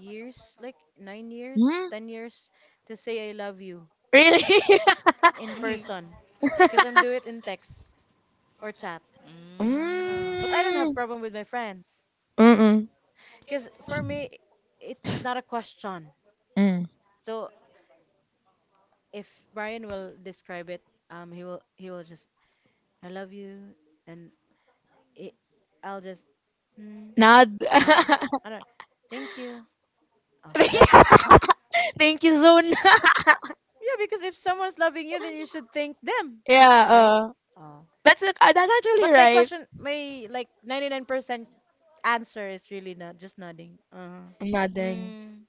Speaker 1: years, like nine years,
Speaker 3: Mm?
Speaker 1: ten years, to say I love you
Speaker 3: Really.
Speaker 1: in
Speaker 2: Mm.
Speaker 1: person, because I'm do it in text or chat.
Speaker 3: *laughs*
Speaker 1: Uh, but I don't have
Speaker 3: Mm.
Speaker 1: problem with my friends,
Speaker 3: Mm-mm.
Speaker 1: because for me it's not a question.
Speaker 3: Mm.
Speaker 1: So if Brian will describe it, um, he will he will just I love you, and it, I'll just. "Mm,
Speaker 3: Nod.
Speaker 1: Uh-uh. I don't. Thank you. Oh, *laughs* that's
Speaker 3: *laughs* Thank you zone. *laughs*
Speaker 1: yeah. Because if someone's loving you, then you should thank them,
Speaker 3: Yeah,
Speaker 1: right?
Speaker 3: uh,
Speaker 1: Oh.
Speaker 3: that's ac- uh, that's actually
Speaker 1: But my
Speaker 3: right.
Speaker 1: question, my like ninety-nine percent answer is really not just nodding. Uh-huh.
Speaker 3: Nothing.
Speaker 1: Mm.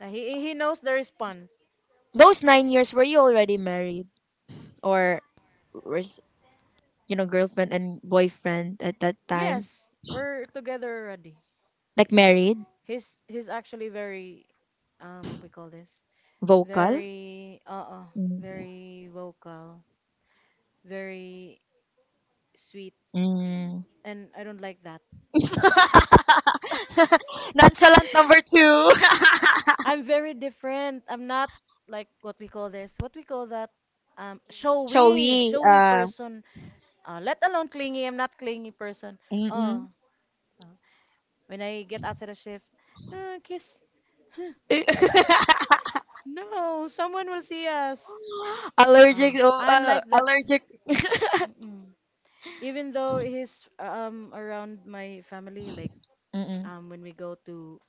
Speaker 1: Uh, He he knows the response.
Speaker 3: Those nine years, were you already married, or was, you know, girlfriend and boyfriend at that time?
Speaker 1: Yes, we're together already.
Speaker 3: Like married.
Speaker 1: He's he's actually very um what we call this?
Speaker 3: Vocal.
Speaker 1: Very uh uh
Speaker 3: Mm.
Speaker 1: very vocal, very sweet,
Speaker 3: Mm.
Speaker 1: and I don't like that.
Speaker 3: *laughs* Nonchalant number two.
Speaker 1: I'm very different. I'm not like what we call this, what we call that, um,
Speaker 3: *laughs*
Speaker 1: showy,
Speaker 3: Showy.
Speaker 1: showy
Speaker 3: Uh,
Speaker 1: person. Uh, let alone clingy. I'm not clingy person. Oh,
Speaker 3: mm-mm.
Speaker 1: oh. When I get outside of shift, uh, kiss. Huh, No, someone will see us. Uh,
Speaker 3: Allergic. Oh,
Speaker 1: I'm
Speaker 3: uh,
Speaker 1: like that.
Speaker 3: allergic.
Speaker 1: Mm-mm. Even though he's um around my family, like
Speaker 3: Mm-mm.
Speaker 1: um when we go to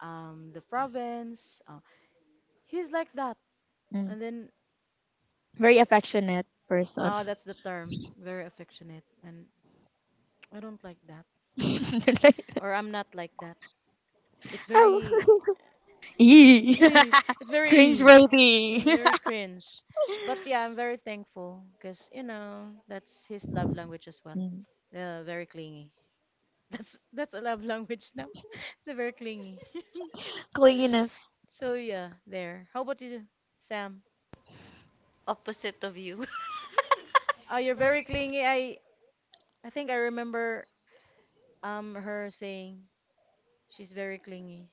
Speaker 1: um the province, uh, he's like that.
Speaker 3: Mm.
Speaker 1: And then
Speaker 3: Very affectionate person.
Speaker 1: Ah, that's the term. Very affectionate. And I don't like that.
Speaker 3: *laughs*
Speaker 1: Or I'm not like that. It's
Speaker 3: Oh.
Speaker 1: very. *laughs* It's
Speaker 3: Cringe
Speaker 1: very.
Speaker 3: worthy.
Speaker 1: It's
Speaker 3: *laughs* *laughs*
Speaker 1: very cringe. But yeah, I'm very thankful because, you know, that's his love language as well.
Speaker 3: Mm.
Speaker 1: Uh, very clingy. *laughs* That's that's a love language now. *laughs* They're very clingy.
Speaker 3: Clinginess.
Speaker 1: *laughs* So yeah, there. How about you, Sam?
Speaker 2: Opposite of you.
Speaker 1: Oh,
Speaker 2: *laughs*
Speaker 1: you're very clingy. I I think I remember um her saying she's very clingy.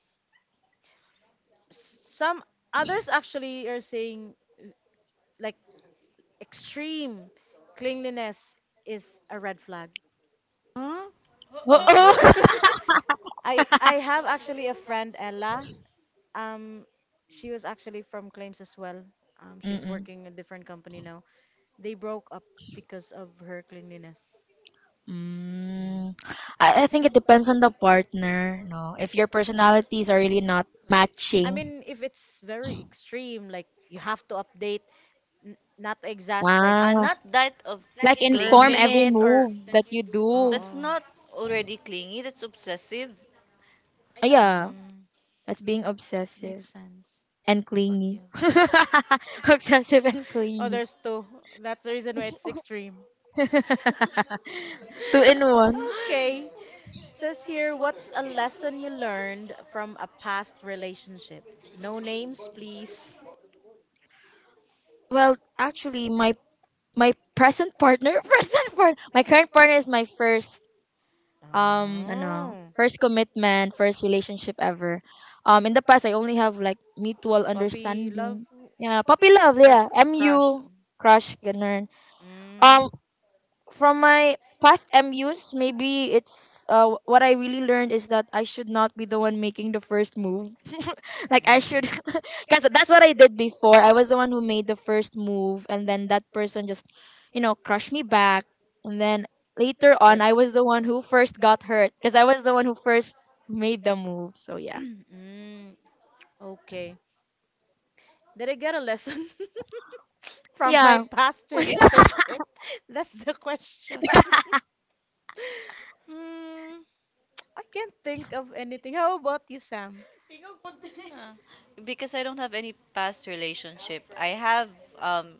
Speaker 1: Some others actually are saying like extreme cleanliness is a red flag.
Speaker 2: Huh?
Speaker 3: Oo.
Speaker 1: Uh-uh.
Speaker 3: *laughs*
Speaker 2: *laughs*
Speaker 1: I I have actually a friend Ella. Um, she was actually from claims as well. Um, she's
Speaker 3: Mm-mm.
Speaker 1: working in a different company now. They broke up because of her cleanliness. Mm.
Speaker 3: Mm. I, I think it depends on the partner. No, if your personalities are really not
Speaker 1: I
Speaker 3: matching,
Speaker 1: mean, if it's very extreme, like you have to update, n- not to exaggerate, like.
Speaker 2: Uh,
Speaker 3: ah,
Speaker 2: not that of like
Speaker 3: like
Speaker 1: Per
Speaker 3: inform
Speaker 2: clingy.
Speaker 3: every
Speaker 1: minute
Speaker 2: Informally or
Speaker 1: or
Speaker 3: move
Speaker 2: that
Speaker 3: that
Speaker 2: you
Speaker 3: you
Speaker 2: do.
Speaker 3: do.
Speaker 2: That's
Speaker 1: oo.
Speaker 2: not already clingy, that's obsessive.
Speaker 3: Ah, yeah,
Speaker 2: Yeah.
Speaker 1: Mm,
Speaker 3: that's being
Speaker 1: makes
Speaker 3: obsessive
Speaker 1: sense.
Speaker 3: and
Speaker 1: Yeah.
Speaker 3: clingy. *laughs* Obsessive and
Speaker 1: Oh,
Speaker 3: clingy.
Speaker 1: there's two. That's the reason why it's extreme.
Speaker 3: *laughs* Two in one.
Speaker 1: *laughs* Okay. Says here, what's a lesson you learned from a past relationship? No names, please.
Speaker 3: Well, actually, my my present partner, *laughs* present partner, my current partner is my first um ano
Speaker 1: Oh,
Speaker 3: first commitment, first relationship ever. Um in the past, I only have like mutual
Speaker 1: puppy love,
Speaker 3: understanding, yeah, puppy love,
Speaker 1: crush,
Speaker 3: yeah,
Speaker 1: crush.
Speaker 3: mu crush ganun.
Speaker 1: Mm,
Speaker 3: um from my past M Us, maybe it's, uh, what I really learned is that I should not be the one making the first move. *laughs* Like I
Speaker 1: mm.
Speaker 3: should, *laughs* because that's what I did before. I was the one who made the first move, and then that person just, you know, crushed me back. And then later
Speaker 1: *laughs*
Speaker 3: on,
Speaker 1: left.
Speaker 3: I was the one who first got hurt, because I was the one who first made the move. So yeah,
Speaker 1: *clears throat* Mm, okay. Did I get a lesson *laughs* from my
Speaker 3: yeah.
Speaker 1: past relationship? *laughs* That's the question. *laughs* Mm, I can't think of anything. How about you, Sam?
Speaker 2: Because I don't have any past relationship. I have um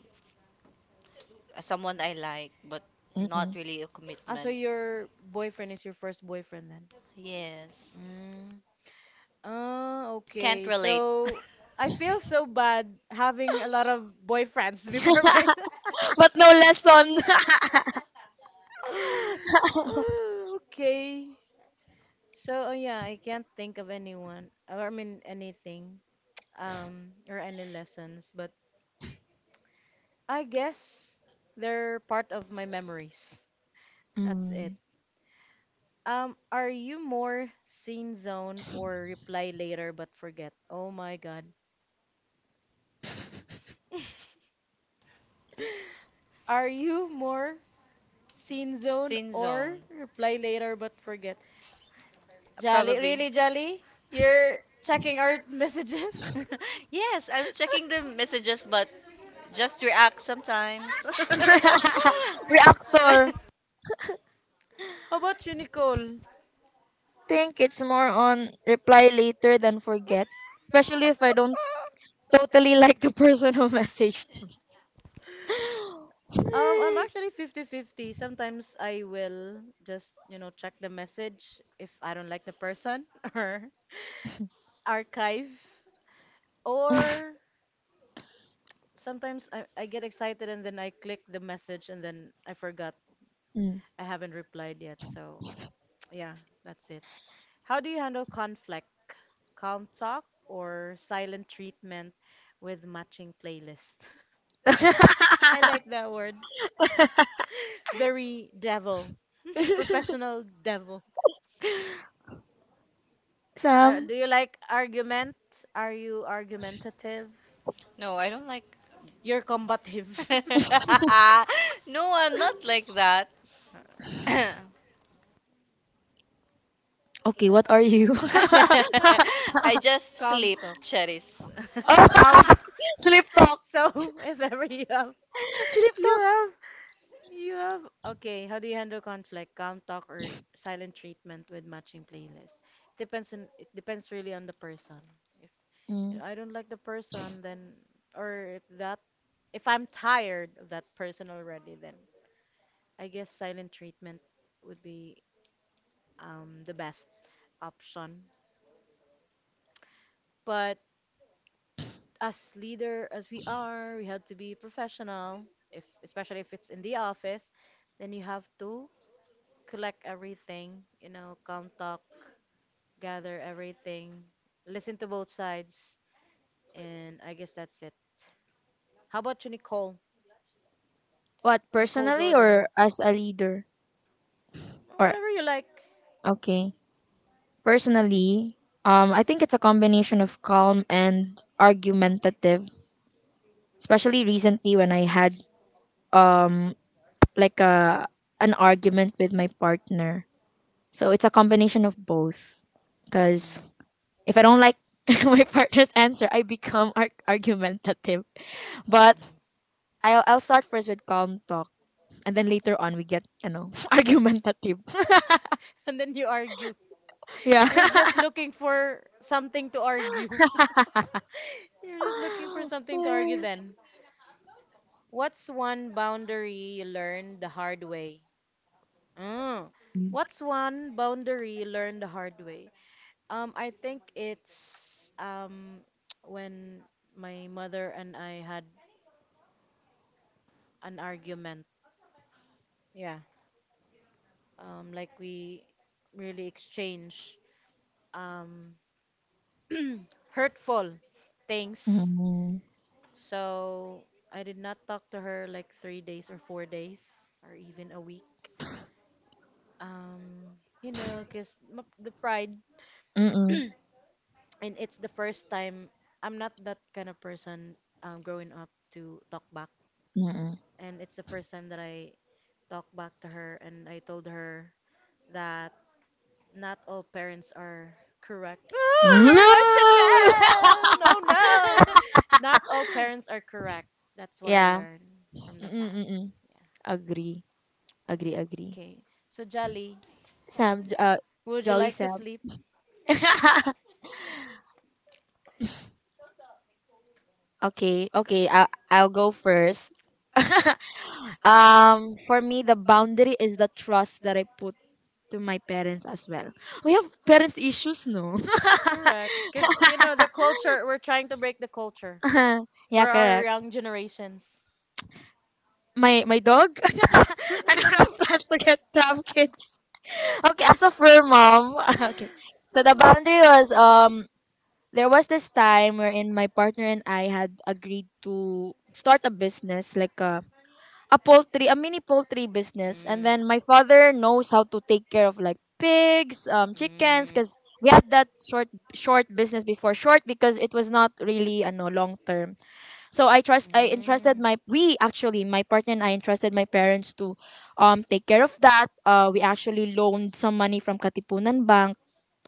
Speaker 2: someone I like, but not
Speaker 3: Mm-mm.
Speaker 2: really a
Speaker 1: Ah, so
Speaker 2: commitment.
Speaker 1: your boyfriend is your first boyfriend then?
Speaker 2: Yes.
Speaker 1: Mm. Oh,
Speaker 2: Can't
Speaker 1: okay.
Speaker 2: relate.
Speaker 1: So I feel so bad having a lot of boyfriends *laughs* before my
Speaker 3: But
Speaker 1: *laughs*
Speaker 3: no lesson.
Speaker 1: *sighs* *laughs*
Speaker 3: *laughs*
Speaker 1: Uh, okay. So, uh, yeah, I can't think of anyone, or I mean anything, um, or any lessons, but I guess they're part of my memories. That's it.
Speaker 3: Mm.
Speaker 1: Um, are you more scene zone or reply later but forget? Oh my God. *laughs* Are you more scene
Speaker 2: *laughs*
Speaker 1: zone
Speaker 2: Sin
Speaker 1: or
Speaker 2: zone.
Speaker 1: reply later but forget? Jolly,
Speaker 2: Probably.
Speaker 1: really, Jolly? You're checking our messages?
Speaker 2: *laughs* Yes, I'm checking the
Speaker 1: *laughs*
Speaker 2: messages, but just react sometimes.
Speaker 3: *laughs* Reactor.
Speaker 2: *laughs*
Speaker 1: How about you, Nicole? *laughs*
Speaker 3: Think it's more on reply later than forget, especially if I don't totally *laughs* like the person who messaged. *laughs*
Speaker 1: Um, I'm actually fifty-fifty. Sometimes I will just, you know, check the message if I don't like the person *laughs* or archive. Or sometimes I, I get excited and then I click the message and then I forgot.
Speaker 3: Mm.
Speaker 1: I haven't replied yet. So, *tsk* yeah, that's it. How do you handle conflict? Calm talk or silent treatment with matching playlist? *laughs* I like that word. Very devil. *laughs* Professional devil. Uh,
Speaker 3: Sam,
Speaker 1: do you like argument? Are you argumentative?
Speaker 2: No, I don't like.
Speaker 1: You're combative. *laughs*
Speaker 2: *laughs* No, I'm not like that. *coughs* *laughs*
Speaker 3: okay, what are you?
Speaker 2: I just
Speaker 1: Calm
Speaker 2: sleep,
Speaker 1: talk.
Speaker 2: Cheris.
Speaker 1: Calm. *laughs*
Speaker 3: *laughs* Sleep talk.
Speaker 1: So *laughs* if ever you have,
Speaker 3: Sleep
Speaker 1: you
Speaker 3: talk.
Speaker 1: have, you have. Okay, how do you handle conflict? Calm talk or silent treatment with matching playlist? Depends on. It depends really on the person. If you
Speaker 3: Mm.
Speaker 1: know, I don't like the person, then, or if that, if I'm tired of that person already, then I guess silent treatment would be um, the best option. But as leader as we are, we have to be professional. If especially if it's in the office, then you have to collect everything. You know, calm talk, gather everything, listen to both sides, and I guess that's it. How about you, Nicole?
Speaker 3: What
Speaker 1: Nicole
Speaker 3: personally or
Speaker 1: Jordan.
Speaker 3: as a leader? Or
Speaker 1: Whatever you like.
Speaker 3: okay, personally, um, I think it's a combination of calm and argumentative, especially recently when I had um like a an argument with my partner. So it's a combination of both. Because
Speaker 1: Mm,
Speaker 3: if I don't like *laughs* my partner's answer, I become ar- argumentative. But
Speaker 1: mm,
Speaker 3: I'll, I'll start first with calm talk. And then later on, we get, you know, *laughs*
Speaker 1: mm.
Speaker 3: argumentative.
Speaker 1: And then you argue.
Speaker 3: *laughs* Yeah.
Speaker 1: You're just looking for something to argue. *laughs* You're just looking for something to argue then. What's one boundary you learned the hard way? Mm. What's one boundary you learned the hard way? Um, I think it's um *tsk* when my mother and I had an argument. Yeah. Um, like we really exchange. Um, *clears throat* hurtful things.
Speaker 3: Mm-mm.
Speaker 1: So I did not talk to her like three days or four days or even a week. Um, you know, cause m- the pride, *clears throat*
Speaker 3: Mm-mm.
Speaker 1: and it's the first time I'm not that kind of person. Um, growing up to talk back,
Speaker 3: Mm-mm.
Speaker 1: and it's the first time that I talked back to her, and I told her that. Not all parents are correct. Oh, I'm
Speaker 3: No!
Speaker 1: very emotional. No, no. Not all parents are correct. That's
Speaker 3: *laughs*
Speaker 1: what I
Speaker 3: Yeah.
Speaker 1: learned from the past.
Speaker 3: Mm-mm-mm.
Speaker 1: Yeah.
Speaker 3: Agree. Agree, agree.
Speaker 1: Okay. So Jolly,
Speaker 3: Sam, j- uh,
Speaker 1: would you
Speaker 3: Jolly
Speaker 1: like to
Speaker 3: Sam.
Speaker 1: sleep?
Speaker 3: *laughs* Okay, okay. I'll, I'll go first. *laughs* Um, for me, the boundary is the trust that I put to my parents as well. We have parents issues, no?
Speaker 1: Correct. Because you know the culture. We're trying to break the culture
Speaker 3: *laughs*
Speaker 1: for
Speaker 3: Yeah,
Speaker 1: our
Speaker 3: correct.
Speaker 1: young generations.
Speaker 3: My my dog. *laughs* I don't have plans to
Speaker 1: *laughs*
Speaker 3: get to kid. Okay, as a fur mom. *laughs* Okay, so the boundary was um there was this time wherein my partner and I had agreed to start a business like a a poultry, a mini poultry business. And
Speaker 1: Mm.
Speaker 3: then my father knows how to take care of like pigs, um, chickens,
Speaker 1: Mm.
Speaker 3: because we had that short short business before, short because it was not really a no long term. So I trust I entrusted my, we actually my partner and I entrusted my parents to um take care of that. Uh, we actually loaned some money from Katipunan Bank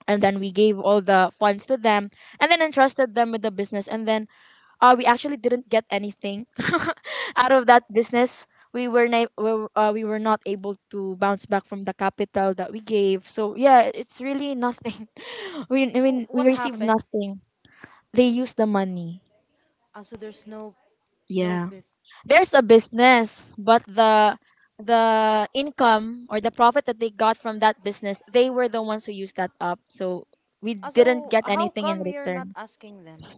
Speaker 3: and then we gave all the funds to them and then entrusted them with the business and then uh, we actually didn't get anything *laughs* out of that business. We were na- we, were- uh, we were not able to bounce back from the capital that we gave. So yeah, it's really nothing. *laughs* We, I
Speaker 1: Mm. W-
Speaker 3: mean, we
Speaker 1: What
Speaker 3: received
Speaker 1: happened?
Speaker 3: nothing. They use the money.
Speaker 1: Also, there's no no
Speaker 3: Yeah,
Speaker 1: bis.
Speaker 3: there's a business, but the the income or the profit that they got from that business, they were the ones who used that up. So we didn't
Speaker 1: Also,
Speaker 3: get
Speaker 1: how
Speaker 3: anything in
Speaker 1: come you're not
Speaker 3: return.
Speaker 1: asking them?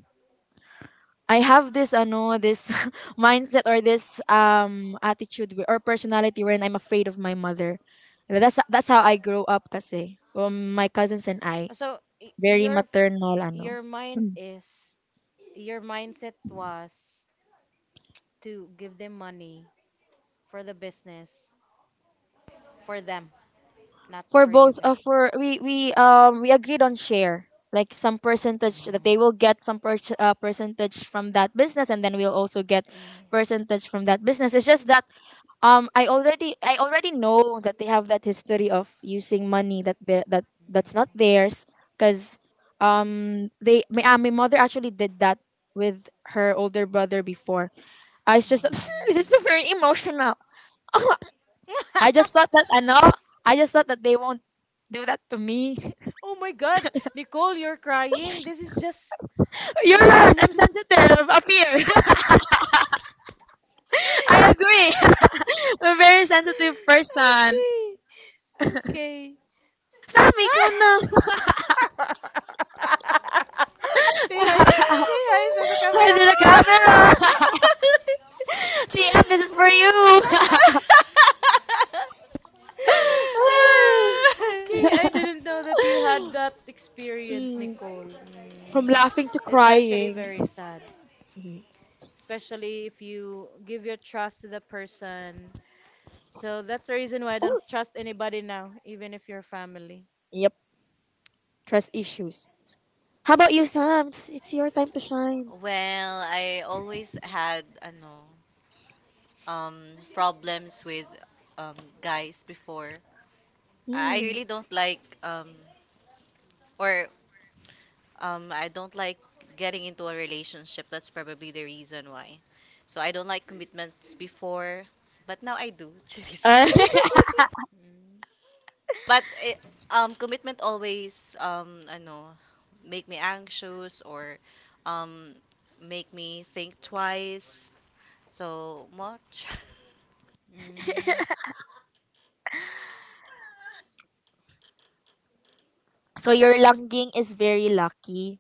Speaker 3: I have this ano, this *laughs* mindset or this um attitude wi- or personality wherein I'm afraid of my mother. That's that's how I grow up kasi. Um, my cousins and I
Speaker 1: So y-
Speaker 3: very
Speaker 1: your
Speaker 3: maternal ano.
Speaker 1: your mind is your mindset was to give them money for the business for them, not
Speaker 3: For
Speaker 1: for you
Speaker 3: both, uh,
Speaker 1: guys.
Speaker 3: for we we um we agreed on share like some
Speaker 1: Oh.
Speaker 3: percentage that they will
Speaker 1: Mm.
Speaker 3: get some per- uh, percentage from that business and then we'll also get percentage from that business. It's just that um i already I already know that they have that history of using money that they that that's not theirs because um they my, uh, my mother actually did that with her older brother before. I was just *laughs* this is very emotional.
Speaker 1: Mm. Mm.
Speaker 3: i just thought that i know
Speaker 1: *laughs*
Speaker 3: I just thought that they won't do that to me.
Speaker 1: Oh my God, Nicole, you're crying. This is just
Speaker 3: *laughs* You're right,
Speaker 1: Nell.
Speaker 3: I'm
Speaker 1: *laughs*
Speaker 3: sensitive up here. *laughs* I agree. *laughs* I'm a very sensitive person.
Speaker 1: Okay, okay.
Speaker 3: Sam, ikaw na.
Speaker 1: *laughs* Say hi.
Speaker 3: *laughs*
Speaker 1: Say hi sa sa camera.
Speaker 3: Under the camera.
Speaker 1: Ah, *laughs*
Speaker 3: *laughs* T M, this is for you. *laughs*
Speaker 2: *laughs* *laughs*
Speaker 3: *laughs*
Speaker 1: okay, I didn't know that you had that experience, Nicole.
Speaker 3: From
Speaker 1: Mm,
Speaker 3: laughing to
Speaker 1: it's actually
Speaker 3: crying.
Speaker 1: very sad. Especially if you give your trust to the person. So that's the reason why I don't trust anybody now, even if you're family.
Speaker 3: Yep, trust issues. How about you, Sam? It's, it's your time to shine.
Speaker 2: Well, I always had ano um problems with um guys before. I I
Speaker 3: Mm.
Speaker 2: really don't like um or um I don't like getting into a relationship. That's probably the reason why. So I don't like commitments before, but now I do. *laughs* Cheers.
Speaker 3: Uh,
Speaker 1: Mm.
Speaker 2: But eh, um, commitment always, um, I know, make me anxious or um, make me think twice so much. *laughs*
Speaker 1: Mm.
Speaker 3: *laughs* so your Langging is very lucky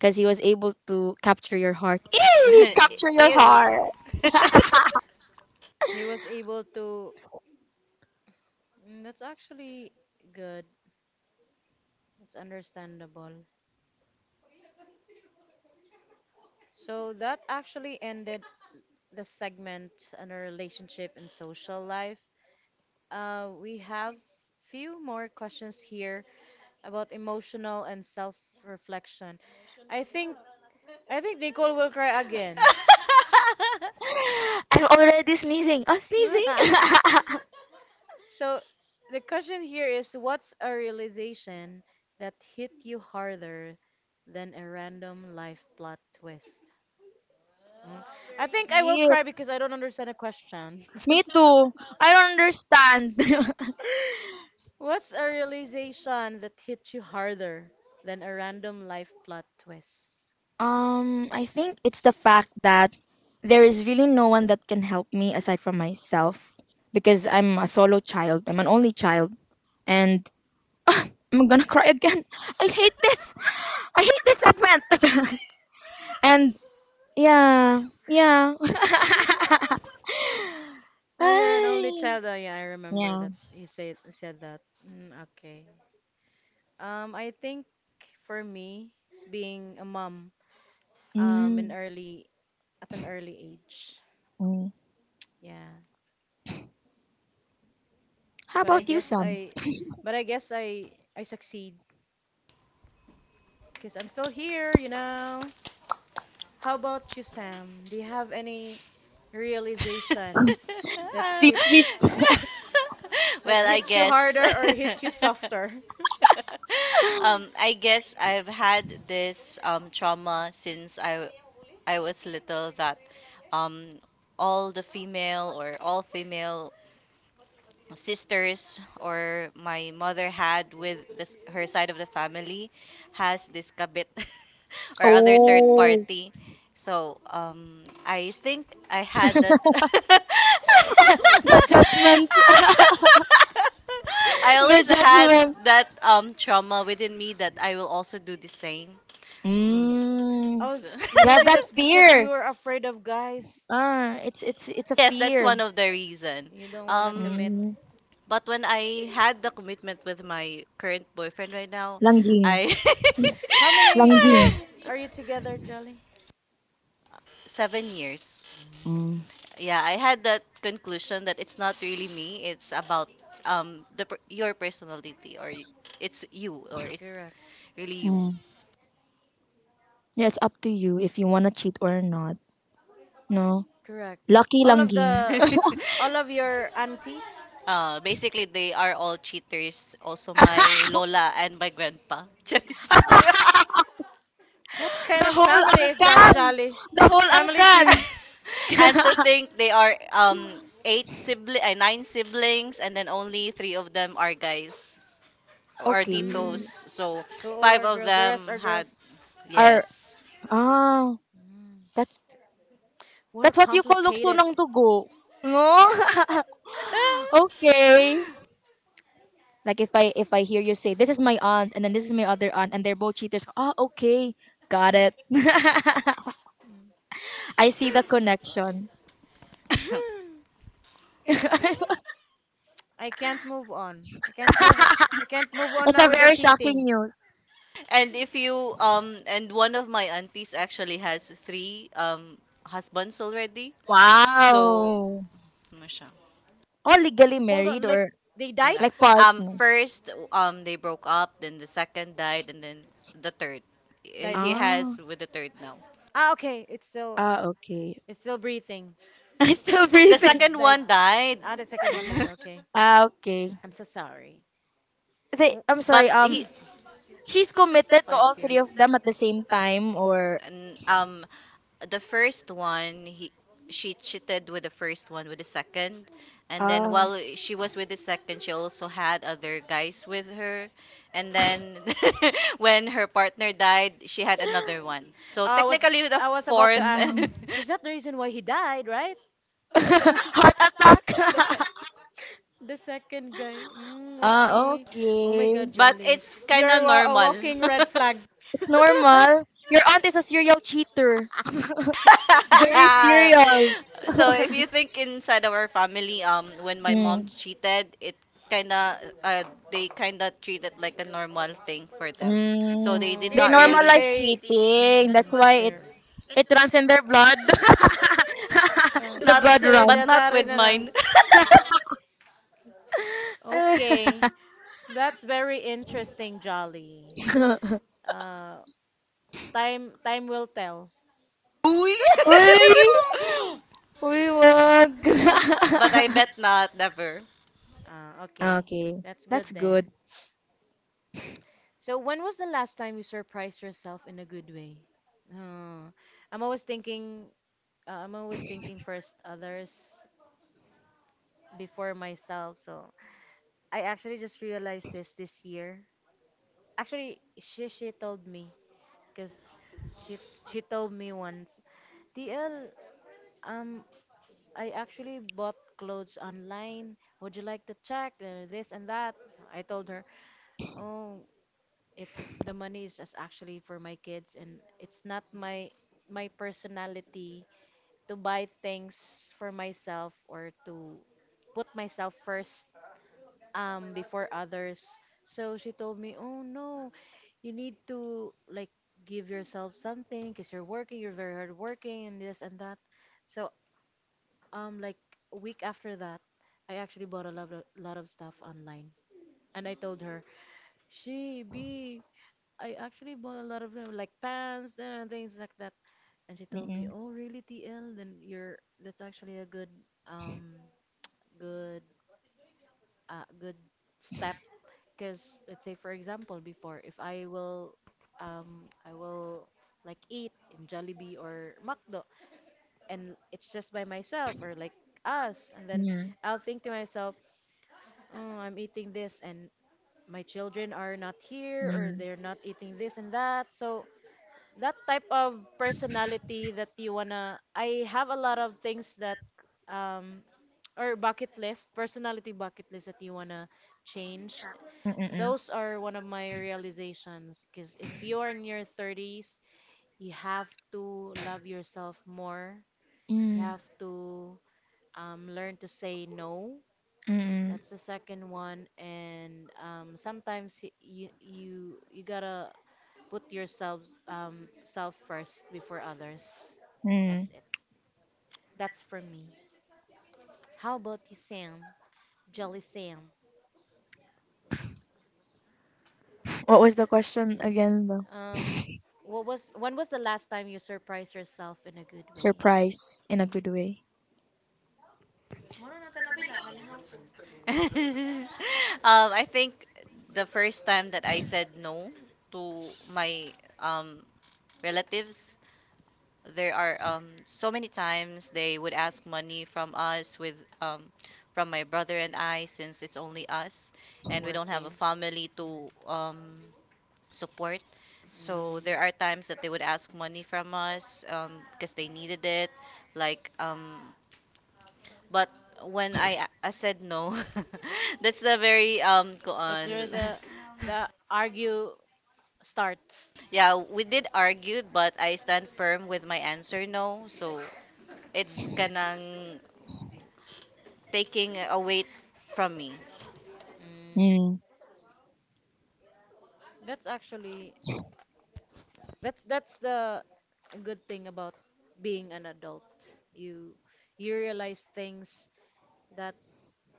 Speaker 3: because he was able to capture your heart.
Speaker 2: Ew, *laughs*
Speaker 3: Eee!
Speaker 2: capture
Speaker 3: Capture
Speaker 2: your
Speaker 1: Mm.
Speaker 3: your
Speaker 2: ew heart.
Speaker 3: heart.
Speaker 2: *laughs*
Speaker 3: *laughs*
Speaker 1: He was able to. Mm, that's actually good. It's understandable. So that actually ended the segment on our relationship and social life. Uh, we have few more questions here about emotional and self-reflection. I think I think Nicole will cry again.
Speaker 2: *laughs*
Speaker 3: I'm already sneezing. Ah, sneezing. *laughs*
Speaker 1: *laughs* So the question here is what's a realization that hit you harder than a random life plot twist? Mm. I
Speaker 3: Very
Speaker 1: think I will
Speaker 3: deep.
Speaker 1: cry because I don't understand the question.
Speaker 3: Me
Speaker 1: *laughs*
Speaker 3: too. I don't understand. *laughs*
Speaker 1: What's a realization that hit you harder than a random life plot twist?
Speaker 3: Um, I think it's the fact that there is really no one that can help me aside from myself because I'm a solo child. I'm an only child, and I'm gonna cry again. *laughs* I hate this. I hate this segment. *laughs* And yeah, yeah. *laughs*
Speaker 1: Oh, you're an only
Speaker 3: Ay,
Speaker 1: child. Oh, yeah, I remember
Speaker 3: yeah.
Speaker 1: that you said said that. Mm, okay. Um, I think for me, it's being a mom, um, in
Speaker 3: Mm,
Speaker 1: early at an early age.
Speaker 3: mm.
Speaker 1: Yeah.
Speaker 3: How
Speaker 1: But I
Speaker 3: about you,
Speaker 1: guess
Speaker 3: Sam?
Speaker 2: Okay.
Speaker 1: I
Speaker 2: *laughs*
Speaker 1: but I guess I I succeed because I'm still here, you know. How about you, Sam? Do you have any realization
Speaker 2: *laughs*
Speaker 1: that
Speaker 2: Uh,
Speaker 3: Sleep,
Speaker 1: hit you
Speaker 3: sleep.
Speaker 2: *laughs*
Speaker 1: that
Speaker 2: well, I
Speaker 1: hit you
Speaker 2: guess.
Speaker 1: harder or hit you softer?
Speaker 2: *laughs* um, I guess I've had this um trauma since I I was little that um all the female or all female sisters or my mother had with, this her side of the family has this kabit *laughs* or other third
Speaker 1: Mm.
Speaker 3: Oh,
Speaker 2: party. So um, I think I had that. *laughs* The judgment. I always
Speaker 3: *laughs* children.
Speaker 2: had that um trauma within me that I will also do the same. Mm. Mm.
Speaker 3: Mm.
Speaker 1: Oh,
Speaker 2: So.
Speaker 3: You have
Speaker 1: maybe
Speaker 3: that
Speaker 1: that's
Speaker 2: *laughs*
Speaker 1: because you
Speaker 3: fear.
Speaker 1: are afraid of guys.
Speaker 3: Ah, it's it's it's a
Speaker 2: Yes, that's
Speaker 3: fear.
Speaker 2: one of the reason.
Speaker 1: You don't want to
Speaker 2: Um.
Speaker 1: commit.
Speaker 2: But when I had the commitment with my current boyfriend right now,
Speaker 3: Langging.
Speaker 2: I
Speaker 1: How many years are
Speaker 2: *laughs*
Speaker 1: you together, Jolly?
Speaker 2: seven years.
Speaker 1: Mhm.
Speaker 2: Yeah, I had that conclusion that it's not really me. It's about um the per- your personality or y- it's you or it's
Speaker 1: Correct,
Speaker 2: really you.
Speaker 3: Yeah, it's up to you if you wanna cheat or not. No?
Speaker 1: correct. But
Speaker 3: Lucky
Speaker 1: all of
Speaker 3: langging.
Speaker 1: the, all of
Speaker 2: *laughs*
Speaker 1: your aunties?
Speaker 2: Uh, basically, they are all cheaters. Also, my lola and my grandpa. *laughs* Charis.
Speaker 1: What
Speaker 3: The
Speaker 1: kind of
Speaker 3: whole
Speaker 1: family is that,
Speaker 3: angkan!
Speaker 1: Jolly?
Speaker 3: The whole
Speaker 1: Family
Speaker 3: angkan!
Speaker 1: feud.
Speaker 2: *laughs* And to think they are um eight sibling uh, nine siblings and then only three of them are guys or
Speaker 3: Okay.
Speaker 2: titos,
Speaker 1: Mm.
Speaker 2: so
Speaker 1: So all
Speaker 2: five
Speaker 1: are
Speaker 2: of
Speaker 1: girls, the
Speaker 2: them
Speaker 1: rest are
Speaker 2: had,
Speaker 1: girls.
Speaker 2: yes
Speaker 3: Or, ah,
Speaker 1: Mm.
Speaker 3: that's
Speaker 1: What a
Speaker 3: that's what you call lukso
Speaker 1: complicated.
Speaker 3: ng dugo. No? *laughs* Okay. Like if I if I hear you say this is my aunt and then this is my other aunt and they're both cheaters. Ah, okay. Got it. *laughs* I see the connection.
Speaker 2: *laughs*
Speaker 1: *laughs* I can't move on. I can't move. I can't move on
Speaker 3: It's
Speaker 1: now
Speaker 3: a
Speaker 1: with the
Speaker 3: very shocking
Speaker 1: cheating.
Speaker 3: news.
Speaker 2: and if you um and one of my aunties actually has three um husbands already, so
Speaker 3: Wow.
Speaker 2: ano siya.
Speaker 3: All legally
Speaker 1: Hold on,
Speaker 3: married
Speaker 1: like
Speaker 3: or
Speaker 1: they died?
Speaker 3: like
Speaker 2: Um,
Speaker 3: partner.
Speaker 2: first, um, they broke up. Then the second died, and then the third. Eh,
Speaker 1: Died.
Speaker 2: he
Speaker 3: Ah,
Speaker 2: has with the third now.
Speaker 1: Ah, okay. It's still
Speaker 3: ah, okay.
Speaker 1: it's still breathing.
Speaker 3: *laughs* I'm still
Speaker 2: The
Speaker 1: I thought
Speaker 3: breathing. *laughs*
Speaker 2: second
Speaker 1: died.
Speaker 2: one died,
Speaker 1: Ah, the second one died.
Speaker 2: *laughs*
Speaker 1: Okay.
Speaker 3: Ah, okay.
Speaker 1: I'm so sorry.
Speaker 3: They,
Speaker 1: W-
Speaker 3: I'm
Speaker 2: but
Speaker 3: sorry. Um,
Speaker 2: he.
Speaker 3: she's committed to
Speaker 1: Five
Speaker 3: all three
Speaker 1: years.
Speaker 3: of them
Speaker 1: *laughs*
Speaker 3: at the same time, or
Speaker 2: n- Um, the first one, he she cheated with the first one with the second, and then
Speaker 3: ah,
Speaker 2: while she was with the second she also had other guys with her, and then *laughs* when her partner died she had another one, so
Speaker 1: Ah, I was
Speaker 2: technically the
Speaker 1: I was about to
Speaker 2: fourth.
Speaker 1: ask.
Speaker 2: *laughs*
Speaker 3: um,
Speaker 1: She's not the reason why he died, right?
Speaker 3: *laughs* heart
Speaker 1: *laughs* the sec
Speaker 3: attack.
Speaker 1: the second guy.
Speaker 3: *laughs*
Speaker 1: Mm,
Speaker 3: Ah,
Speaker 1: okay. Oh my
Speaker 3: okay.
Speaker 1: God,
Speaker 2: But
Speaker 1: Jolly,
Speaker 2: it's kind
Speaker 1: you're
Speaker 2: of
Speaker 1: wa- a
Speaker 2: normal.
Speaker 1: walking red flag.
Speaker 2: *laughs*
Speaker 3: It's
Speaker 1: *laughs*
Speaker 3: normal. Your aunt is a serial cheater.
Speaker 2: *laughs*
Speaker 3: Very serial.
Speaker 2: So if you think inside our family, um, when my mom
Speaker 3: Mm,
Speaker 2: cheated, it kinda, uh, they kinda treat it like a normal thing for them. So
Speaker 3: mm.
Speaker 2: they did they
Speaker 3: They
Speaker 1: Oh,
Speaker 2: not really
Speaker 1: cause
Speaker 2: normalize
Speaker 3: normalize
Speaker 1: they,
Speaker 2: cheating.
Speaker 3: cheating.
Speaker 2: That's
Speaker 3: That's
Speaker 1: mm-mm,
Speaker 2: why
Speaker 1: cause
Speaker 2: it,
Speaker 3: why it
Speaker 1: they're.
Speaker 2: it
Speaker 3: it runs in their blood.
Speaker 1: Uh,
Speaker 3: *laughs* The
Speaker 2: not,
Speaker 1: it's
Speaker 3: blood
Speaker 2: like, but
Speaker 3: runs.
Speaker 2: not
Speaker 1: hereditary
Speaker 2: with
Speaker 1: na lang.
Speaker 2: mine. *laughs*
Speaker 1: Okay.
Speaker 3: *laughs*
Speaker 1: That's very interesting, Jolly. Uh, time time will tell.
Speaker 2: Uy.
Speaker 3: Uy!
Speaker 1: *laughs*
Speaker 3: Uy, wag. *gasps* *laughs*
Speaker 1: Mm.
Speaker 2: *laughs* But I bet not, never.
Speaker 1: Ah, okay.
Speaker 3: Okay,
Speaker 1: That's
Speaker 3: that's
Speaker 1: good
Speaker 3: good.
Speaker 1: then. So when was the last time you surprised yourself in a good way? Uh, I'm always thinking uh, I'm always thinking first others before myself. So I actually just realized this this year. Actually, she she told me because she she told me once, T L, um, I actually bought clothes online. Would you like to check uh, this and that? I told her, oh, it's the money is just actually for my kids, and it's not my my personality to buy things for myself or to put myself first um before others. So she told me, "Oh no, you need to like give yourself something because you're working, you're very hard working and this and that." So um like a week after that, I actually bought a lot of lot of stuff online. And I told her, "She B, I actually bought a lot of uh, like pants and uh, things like that." And she told me,
Speaker 3: Mm-mm.
Speaker 1: "Oh, really, T L? Then you're that's actually a good um good uh good step." Because let's say for example before if I will um I will like eat in Jollibee or McDo, and it's just by myself or like us, and then
Speaker 3: Yeah,
Speaker 1: I'll think to myself, oh, I'm eating this and my children are not here or
Speaker 3: yeah.
Speaker 1: they're not eating this and that. So that type of personality that you wanna, I have a lot of things that um or bucket list, personality bucket list that you wanna change.
Speaker 3: Mm-mm.
Speaker 1: Those are one of my realizations because if you are in your thirties, you have to love yourself more. You
Speaker 3: Mm,
Speaker 1: have to um, learn to say no.
Speaker 3: mm-mm.
Speaker 1: That's the second one. And um, sometimes y- you you you gotta put yourselves um, self first before others.
Speaker 3: Mm.
Speaker 1: That's it. That's for me. How about you, Sam? Jolly Sam.
Speaker 3: What was the question again, though?
Speaker 1: Um, what was when was the last time you surprised yourself in a good way?
Speaker 3: Surprise in a good way.
Speaker 2: *laughs* um, I think the first time that I said no to my um relatives. There are, um, so many times they would ask money from us with, um, from my brother and I, since it's only us and we don't have a
Speaker 1: Working.
Speaker 2: family
Speaker 1: Mm.
Speaker 2: to um, support. So
Speaker 1: Mm.
Speaker 2: there are times that they would ask money from us, um, because they needed it. Like, um, but when I, I said no, *laughs* that's the very um
Speaker 1: That's
Speaker 2: koan.
Speaker 1: where
Speaker 2: *laughs*
Speaker 1: the the argue starts.
Speaker 2: Yeah, we did argue, but I stand firm with my answer no. So it's
Speaker 1: Mm.
Speaker 2: kanang taking a weight from me. *laughs*
Speaker 1: Mm.
Speaker 3: Mm.
Speaker 1: That's actually that's that's the good thing about being an adult. You you realize things that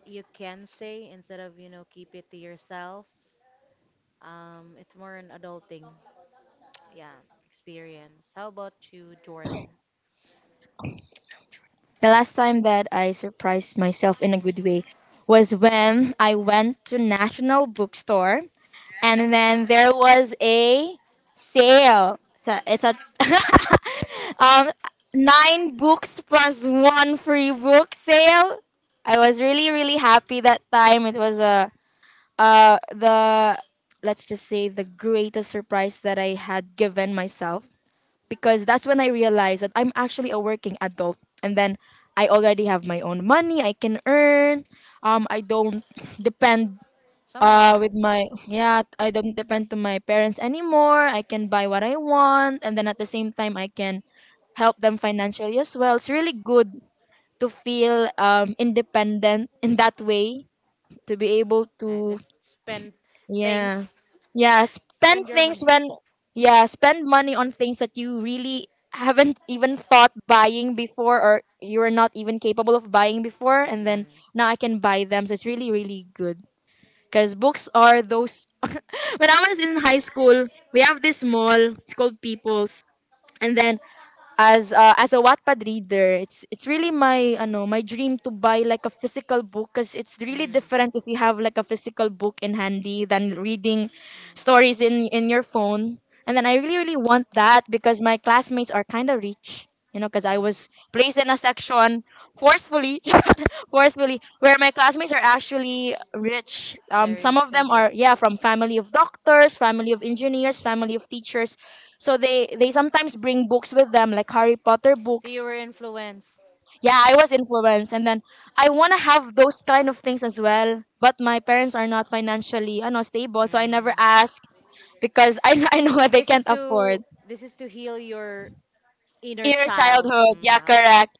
Speaker 1: you can say instead of, you know, keep it to yourself. Um, it's more an adulting, *tsk* yeah, experience. How about you, Jordan?
Speaker 3: The last time that I surprised myself in a good way was when I went to National Bookstore and then there was a sale. It's a, it's a *laughs* um, nine books plus one free book sale. I was really really happy that time. It was a uh the let's just say the greatest surprise that I had given myself because that's when I realized that I'm actually a working adult and then I already have my own money I can earn. Um, I don't *laughs* depend uh
Speaker 1: Someone.
Speaker 3: with my yeah, I don't depend to my parents anymore, I can buy what I want and then at the same time I can help them financially as well. It's really good to feel um independent in that way, to be able
Speaker 1: I
Speaker 3: to
Speaker 1: just spend
Speaker 3: yeah.
Speaker 1: things. *laughs*
Speaker 3: Yeah, spend
Speaker 1: Spend your
Speaker 3: things
Speaker 1: money.
Speaker 3: when yeah, spend money on things that you really haven't even thought buying before or you were not even capable of buying before and
Speaker 1: Mm-mm.
Speaker 3: then
Speaker 1: Mm.
Speaker 3: now I can buy them, so it's really really good. Because books are those, when I was in high school, we have this mall. It's called People's. And then as uh, as a Wattpad reader, it's it's really my ano, my dream to buy like a physical book because it's really different if you have like a physical book in handy than reading stories in in your phone.
Speaker 1: Mm.
Speaker 3: And then I really really want that because my classmates are kind of rich, you know, because I was placed in a section forcefully *laughs* forcefully, where my classmates are actually rich. Um, some of them are, yeah, from family of doctors, family of engineers, family of teachers, so they they sometimes bring books with them like Harry Potter books.
Speaker 1: were influenced.
Speaker 3: Yeah, I was influenced and then I want to have those kind of things as well, but
Speaker 1: actually
Speaker 3: my parents are not financially ano, stable, so I never ask because I, *laughs* I know what they can't
Speaker 1: support.
Speaker 3: afford,
Speaker 1: this is to heal your
Speaker 3: inner childhood. Yeah, correct.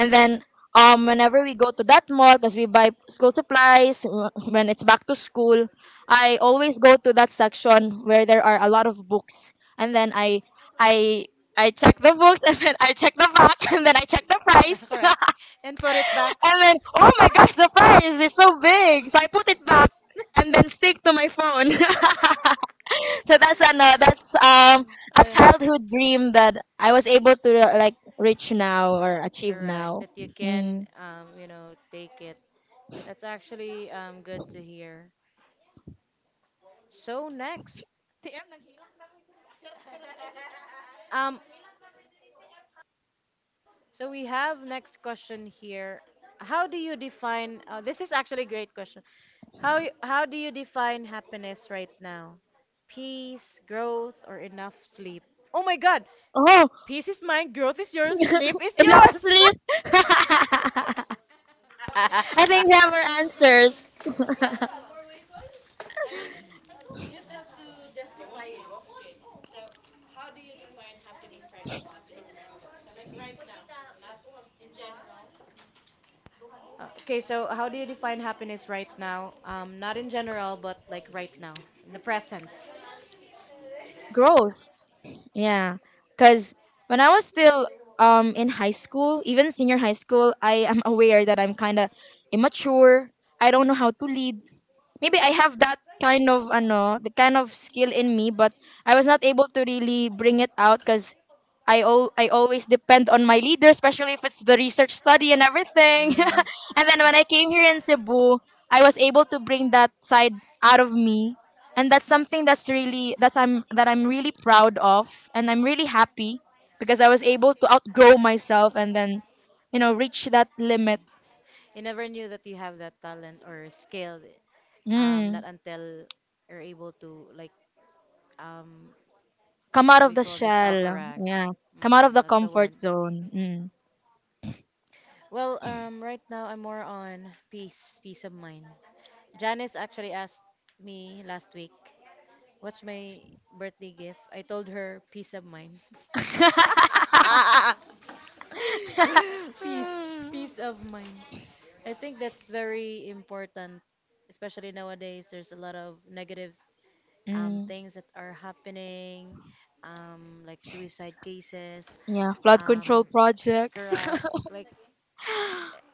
Speaker 3: And then um, whenever we go to that mall, because we buy school supplies uh, when it's back to school, I always go to that section where there are a lot of books, and then I I I check the books, *laughs* and then I check the back, *laughs* and then I check the
Speaker 1: *laughs* correct.
Speaker 3: price,
Speaker 1: correct.
Speaker 3: *laughs*
Speaker 1: *laughs* And put it back.
Speaker 3: and then oh my gosh, the price is so big, so I put it back. And then stick to my phone. *laughs* So that's an uh, that's um
Speaker 1: um Mm,
Speaker 3: a childhood dream that I was able to uh, like reach now or achieve
Speaker 1: correct.
Speaker 3: now.
Speaker 1: That you can
Speaker 3: Mm.
Speaker 1: um, you know, take it. That's actually um good to hear. So next, um, so we have next question here. How do you define? Uh, this is actually a great question. How y- how do you define happiness right now? Peace, growth, or enough sleep? Oh my God!
Speaker 3: Oh,
Speaker 1: Peace is mine, growth is yours, sleep is
Speaker 3: enough
Speaker 1: yours. *laughs*
Speaker 3: sleep. *laughs* I think we have our answers.
Speaker 1: Uh, okay, so how do you define happiness right now? Um, not in general, but like right now, in the present.
Speaker 3: Growth. Yeah. Because when I was still um in high school, even senior high school, I am aware that I'm kind of immature. I don't know how to lead. Maybe I have that kind of ano, the kind of skill in me, but I was not able to really bring it out because I al- I always depend on my leader, especially if it's the research study and everything.
Speaker 1: Mm.
Speaker 3: *laughs* And then when I came here in Cebu, I was able to bring that side out of me, and that's something that's really, that I'm that I'm really proud of, and I'm really happy because I was able to outgrow myself and then you know reach that limit.
Speaker 1: You never knew that you have that talent or skill, um,
Speaker 3: Mm.
Speaker 1: not until you're able to like um,
Speaker 3: Come out of
Speaker 1: we
Speaker 3: the
Speaker 1: call this, ah,
Speaker 3: shell.
Speaker 1: correct.
Speaker 3: Yeah. Come out of the
Speaker 1: That's the
Speaker 3: comfort
Speaker 1: word.
Speaker 3: zone. Mm.
Speaker 1: Well, um, right now I'm more on peace, peace of mind. Janice actually asked me last week, "What's my birthday gift?" I told her peace of mind. *laughs* peace, peace of mind. I think that's very important, especially nowadays. There's a lot of negative um,
Speaker 3: Mm.
Speaker 1: things that are happening, um, like suicide cases,
Speaker 3: Yeah. Flood
Speaker 1: um,
Speaker 3: control projects.
Speaker 1: correct,
Speaker 3: *laughs*
Speaker 1: like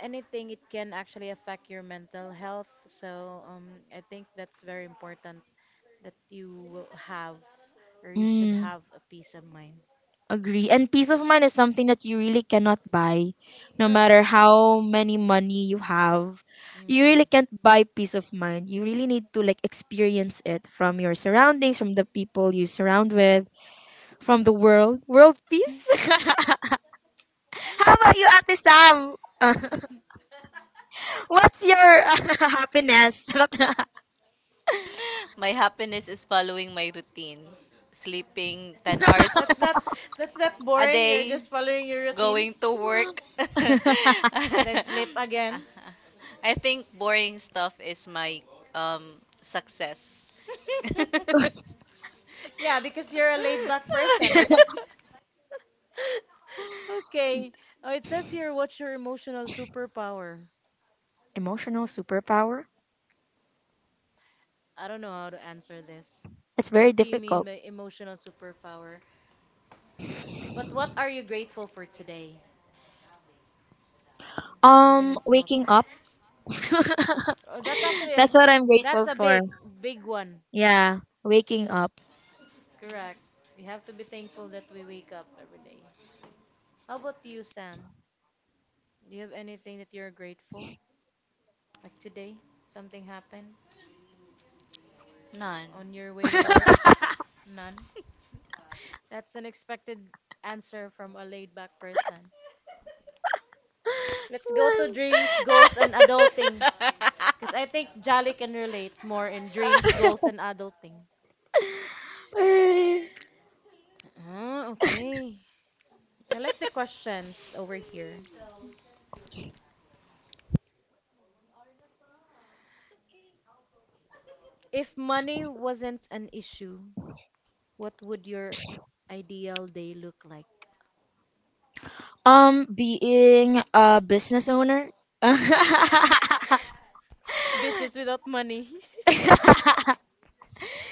Speaker 1: anything, it can actually affect your mental health. So um, I think that's very important that you will have or you should
Speaker 3: Mm,
Speaker 1: have a peace of mind.
Speaker 3: agree. And peace of mind is something that you really cannot buy. No
Speaker 1: Correct.
Speaker 3: matter how many money you have,
Speaker 1: Mm,
Speaker 3: you really
Speaker 1: mm.
Speaker 3: can't buy peace of mind. You really need to like experience it from your surroundings, from the people you surround with, from the world. World peace? *laughs* How about you, Ate Sam? *laughs*
Speaker 1: *laughs*
Speaker 3: What's your *laughs* happiness?
Speaker 2: My happiness is following my routine. Sleeping ten
Speaker 1: That's
Speaker 2: hours
Speaker 1: not that's not
Speaker 2: a
Speaker 1: boring. You're
Speaker 2: day,
Speaker 1: just following your routine.
Speaker 2: going to work. *laughs*
Speaker 1: And then sleep again.
Speaker 2: I think boring stuff is my, um, success.
Speaker 1: *laughs* yeah, because you're a laid back person, right?
Speaker 2: *laughs*
Speaker 1: *laughs* okay. Oh, it says here, what's your emotional superpower?
Speaker 3: *laughs* Emotional superpower?
Speaker 1: I don't know how to answer this.
Speaker 3: It's very
Speaker 1: What do you mean
Speaker 3: difficult.
Speaker 1: by emotional superpower? But what are you grateful for today,
Speaker 2: Um,
Speaker 1: even
Speaker 3: Um,
Speaker 1: in small
Speaker 2: Waking
Speaker 3: waking
Speaker 1: things?
Speaker 3: up.
Speaker 2: up.
Speaker 1: Oh, that's actually a
Speaker 3: That's what I'm
Speaker 1: that's
Speaker 3: grateful
Speaker 1: a
Speaker 3: for.
Speaker 1: big big one.
Speaker 3: Yeah, waking up.
Speaker 1: Correct. We have to be thankful that we wake up every day. How about you, Sam? Do you have anything that you're grateful? Like today, something happened?
Speaker 2: None.
Speaker 1: On your way to work? None. That's an expected answer from a laid back person. Let's go to dreams, goals,
Speaker 2: *laughs*
Speaker 1: and adulting. Because I think Jolly can relate more in dreams, goals, and adulting. Ah, okay. I like the questions over here. If money wasn't an issue, what would your ideal day look like?
Speaker 3: Um, being a business owner. *laughs*
Speaker 1: *laughs* Business without money. *laughs*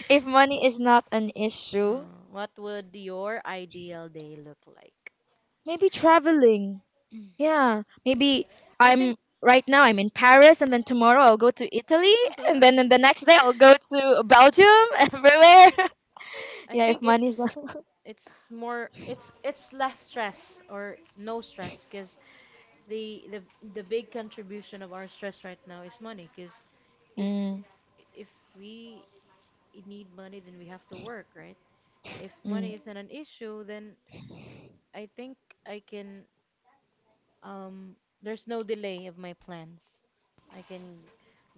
Speaker 3: If money is not an
Speaker 1: Uh,
Speaker 3: issue,
Speaker 1: what would your ideal day look like?
Speaker 3: maybe traveling.
Speaker 1: *clears throat*
Speaker 3: Yeah, maybe
Speaker 1: I
Speaker 3: I'm
Speaker 1: think.
Speaker 3: right now I'm in Paris and then tomorrow I'll go to Italy and then
Speaker 1: *laughs*
Speaker 3: the next day I'll go to Belgium. *laughs* Everywhere. *laughs*
Speaker 1: I
Speaker 3: Yeah, if
Speaker 1: think
Speaker 3: money's not.
Speaker 1: it's
Speaker 3: *laughs*
Speaker 1: it's more it's it's less stress or no stress, because the the the big contribution of our stress right now is money. Because if
Speaker 3: Mm,
Speaker 1: if we need money, then we have to work, right? So if
Speaker 3: mm,
Speaker 1: money isn't an issue, then I think I can, um there's no delay of my plans. I can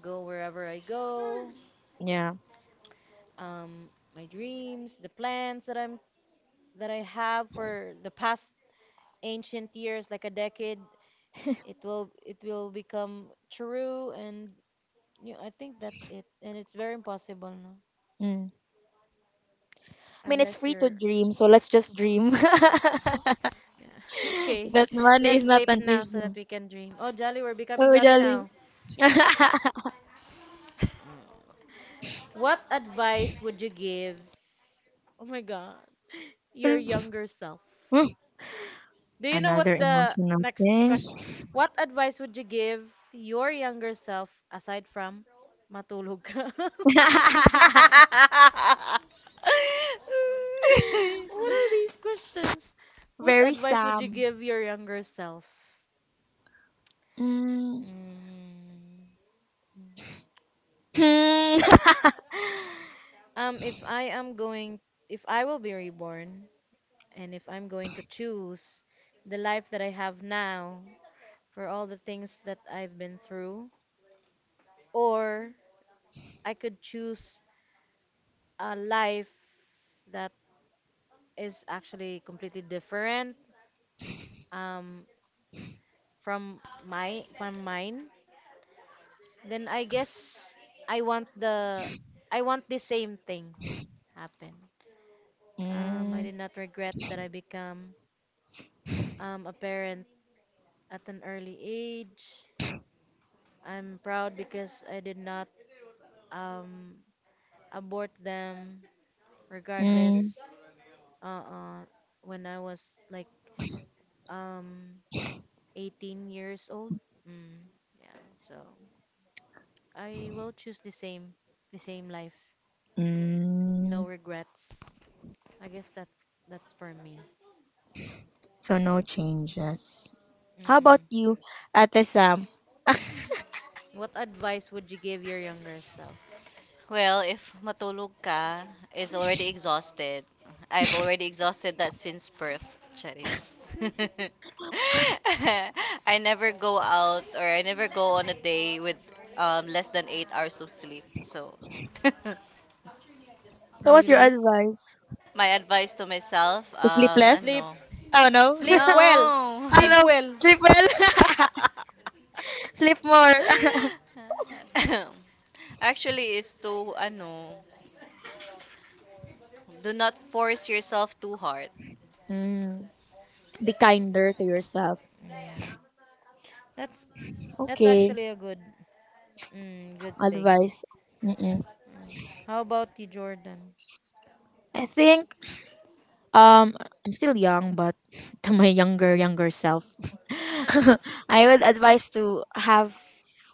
Speaker 1: go wherever I go,
Speaker 3: yeah.
Speaker 1: um, my dreams, the plans that I'm that I have for the past ancient years, like a decade. It will it will become true, and you know, I think that's it. And it's very impossible, no?
Speaker 3: Mm. I mean, it's
Speaker 1: Unless
Speaker 3: free to
Speaker 1: you're.
Speaker 3: dream, so let's just dream. *laughs* That
Speaker 1: Yeah. *laughs* okay.
Speaker 3: money is
Speaker 1: Let's
Speaker 3: not
Speaker 1: sleep
Speaker 3: an
Speaker 1: now so that
Speaker 3: issue.
Speaker 1: we can dream. Oh, Jolly, we're becoming Jolly
Speaker 3: Totally.
Speaker 1: now.
Speaker 3: *laughs*
Speaker 1: Mm. What advice would you give? Oh my God, your younger self.
Speaker 3: Hmm,
Speaker 1: Do you know what's
Speaker 3: another
Speaker 1: the
Speaker 3: emotional
Speaker 1: next
Speaker 3: thing.
Speaker 1: question? What advice would you give your younger self aside from matulog ka? *laughs*
Speaker 3: *laughs*
Speaker 1: What are these questions? What
Speaker 3: Very
Speaker 1: advice would you
Speaker 3: Sam.
Speaker 1: give your younger self?
Speaker 3: Mm.
Speaker 1: Mm.
Speaker 3: Hmm. *laughs*
Speaker 1: Um, if I am going, if I will be reborn, and if I'm going to choose the life that I have now for all the things that I've been through, or I could choose a life that is actually completely different um from my from mine, then i guess i want the i want the same thing happen, um i
Speaker 3: Mm,
Speaker 1: did not regret that i become um a parent at an early age. I'm proud because i did not um abort them,
Speaker 3: mm,
Speaker 1: regardless, uh uh when i was like um eighteen years old. Mm, yeah. So I will choose the same, the same life. No
Speaker 3: mm.
Speaker 1: regrets. I guess that's that's for me.
Speaker 3: So no changes. How
Speaker 1: Mm-mm.
Speaker 3: about you, Ate Sam?
Speaker 1: What advice would you give your younger self?
Speaker 2: Well, if matulog ka is already exhausted.
Speaker 1: *laughs*
Speaker 2: I've already exhausted that since birth, Charis. *laughs* I never go out or I never go on a day with, um, less than eight hours of sleep. So *laughs*
Speaker 3: So what's your
Speaker 1: Really?
Speaker 3: advice?
Speaker 2: my advice to myself, um, sleep less?
Speaker 3: Sleepless?
Speaker 1: Sleep.
Speaker 2: Ano? Oh
Speaker 3: Oh
Speaker 2: no,
Speaker 3: no. *laughs*
Speaker 2: sleep
Speaker 1: Sleep
Speaker 3: Oh
Speaker 1: well.
Speaker 2: well. No. Oh
Speaker 1: Sleep
Speaker 2: no,
Speaker 3: no.
Speaker 1: well.
Speaker 2: *laughs* sleep
Speaker 3: Sleep
Speaker 2: well.
Speaker 3: well. *laughs*
Speaker 2: *laughs* Sleep
Speaker 3: Sleep
Speaker 2: more.
Speaker 3: more. *laughs*
Speaker 2: *laughs* Actually, is to ano, do not force yourself too hard.
Speaker 3: Mm. Be kinder
Speaker 2: *laughs*
Speaker 3: to yourself.
Speaker 1: Mm. That's that's
Speaker 3: Okay,
Speaker 1: actually a good, mm, good thing.
Speaker 3: advice. Mm-mm.
Speaker 1: Mm. How about you, Jordan?
Speaker 3: I think um I'm still young, but *laughs* to my younger younger self, *laughs* I would advise to have,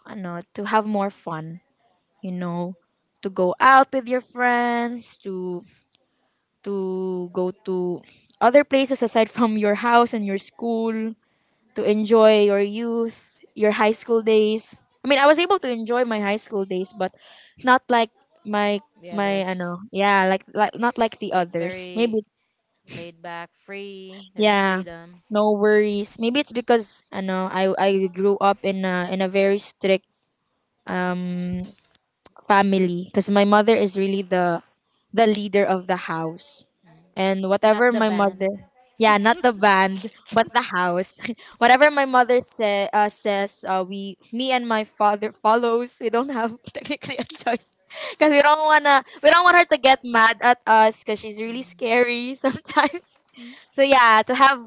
Speaker 3: I know, to have more fun. You know, to go out with your friends, to to go to other places aside from your house and your school, to enjoy your youth, your high school days. I mean, I was able to enjoy my high school days, but not like my
Speaker 1: The
Speaker 3: my I
Speaker 1: others,
Speaker 3: know, yeah, like like not like the
Speaker 1: like
Speaker 3: others.
Speaker 1: very
Speaker 3: Maybe
Speaker 1: Laid back, free. There's
Speaker 3: yeah,
Speaker 1: freedom.
Speaker 3: no worries. Maybe it's because I know I I grew up in a in a very strict um family because my mother is really the the leader of the house, and
Speaker 1: Mm.
Speaker 3: whatever
Speaker 1: Not the
Speaker 3: my
Speaker 1: ban.
Speaker 3: mother, yeah, not the
Speaker 1: *laughs*
Speaker 3: band but the house. *laughs* Whatever my mother say, uh, says, uh, we, me and my father follows, we don't have *laughs* technically a choice because we don't want to, we don't want her to get mad at us because she's really
Speaker 1: Mm.
Speaker 3: scary *laughs* sometimes.
Speaker 1: Mm.
Speaker 3: So yeah, to have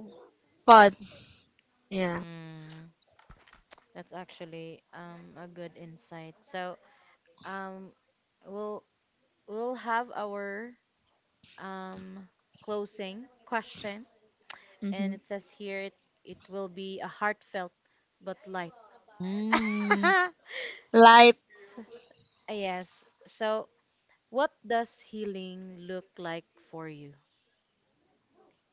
Speaker 3: fun. Yeah.
Speaker 1: Mm, that's actually um a good insight. So um we'll we'll have our um closing question,
Speaker 3: Mm-hmm.
Speaker 1: and it says here it it will be a heartfelt but light.
Speaker 3: Mm,
Speaker 1: *laughs*
Speaker 3: light.
Speaker 1: yes. So what does healing look like for you?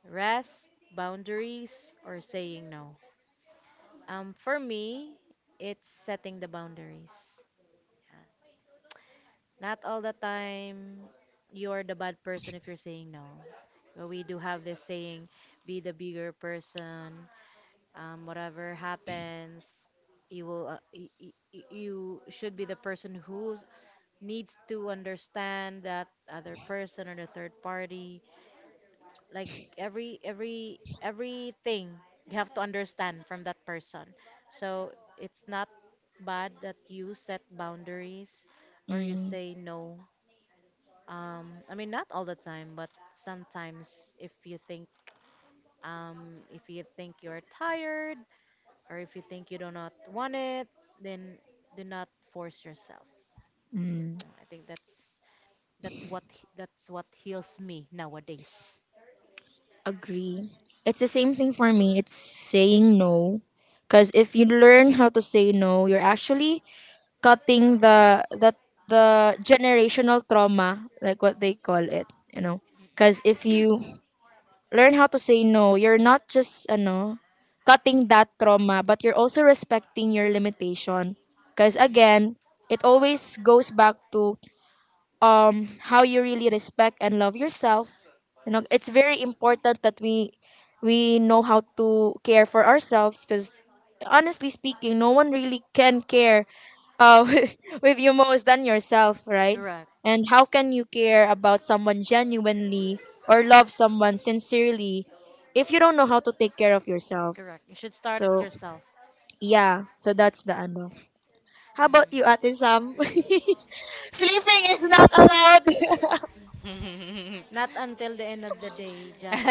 Speaker 1: Rest, boundaries, or saying no? Um, for me, it's setting the boundaries. Yeah. Not all the time you're the bad person if you're saying no. But we do have this saying, be the bigger person. Um, whatever happens, you will uh, y- y- y- you should be the person who needs to understand that other person or the third party, like every every everything you have to understand from that person. So it's not bad that you set boundaries or you
Speaker 3: Mm.
Speaker 1: say no, um I mean, not all the time, but sometimes if you think um if you think you're tired, or if you think you do not want it, then do not force yourself. Uh, I think that's that's what that's what heals me nowadays.
Speaker 3: Agree. It's the same thing for me. It's saying no. Cause if you learn how to say no, you're actually cutting the the the generational trauma, like what they call it, you know. Cause if you learn how to say no, you're not just ano cutting that trauma, but you're also respecting your limitation. Cause
Speaker 1: Mm, mm.
Speaker 3: again, it always goes back to um how you really respect and love yourself. You know, it's very important that we we know how to care for ourselves because honestly speaking, no one really can care, uh, *laughs* with, with you most than yourself, right?
Speaker 1: Correct,
Speaker 3: And how can you care about someone genuinely or love someone sincerely if you don't know how to take care of yourself?
Speaker 1: correct. You should start it
Speaker 3: So
Speaker 1: yourself.
Speaker 3: yeah, so that's the ano. How about you, Ate
Speaker 1: Mm.
Speaker 3: Sam? *laughs*
Speaker 2: Sleeping
Speaker 3: Sleeping is
Speaker 2: is not
Speaker 3: not allowed.
Speaker 2: allowed. *laughs*
Speaker 1: Not until the end of the day, Jal. *laughs*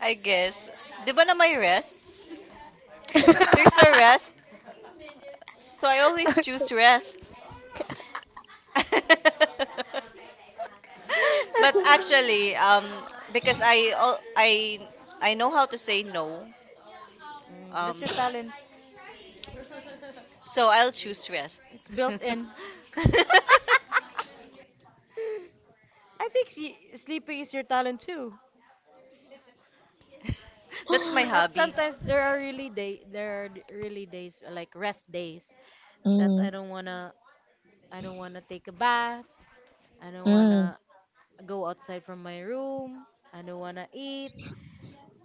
Speaker 2: I guess. Di ba na may rest? There's a rest. So I always choose rest. *laughs* But actually, um, because I al- I I know how to say no,
Speaker 1: Mm, that's
Speaker 2: um,
Speaker 1: your talent.
Speaker 2: so I'll choose rest.
Speaker 1: It's built in.
Speaker 2: *laughs*
Speaker 1: *laughs* I think s- sleeping is your talent too.
Speaker 2: That's my
Speaker 3: *laughs*
Speaker 1: But
Speaker 2: hobby.
Speaker 1: sometimes there are really day there are d- really days like rest days that
Speaker 3: Mm,
Speaker 1: I don't wanna I don't want to take a bath. I don't want
Speaker 3: mm,
Speaker 1: to go outside from my room. I don't want to eat.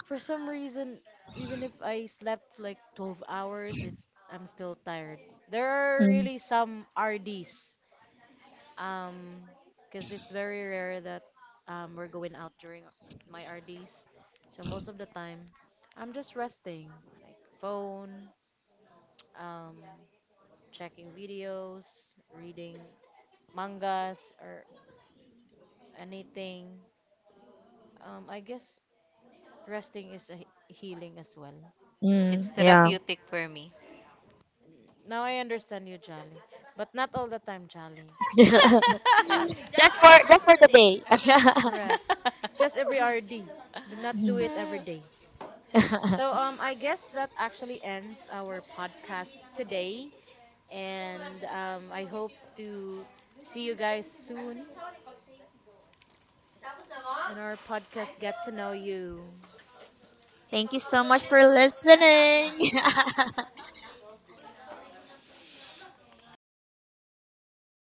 Speaker 1: For some reason, even if I slept like twelve hours, it's I'm still tired. There are
Speaker 3: mm,
Speaker 1: really some R Ds. Um, because it's very rare that um, we're going out during my R Ds. So most of the time, I'm just resting, like phone, um, checking videos, reading mangas, or anything. Um, I guess resting is a he- healing as well.
Speaker 2: It's
Speaker 3: mm, yeah.
Speaker 2: therapeutic for me.
Speaker 1: Mm, now I understand you, Jolly. But not all the time, Jolly.
Speaker 3: *laughs*
Speaker 1: Please.
Speaker 3: Just for just for today. *laughs*
Speaker 1: Correct. Just every R D. Do not do
Speaker 3: Mhm.
Speaker 1: it every day. So um I guess that actually ends our podcast today, and um I hope to see you guys soon in our podcast Get to Know You.
Speaker 3: Thank you so much for
Speaker 2: *laughs*
Speaker 3: listening. *laughs*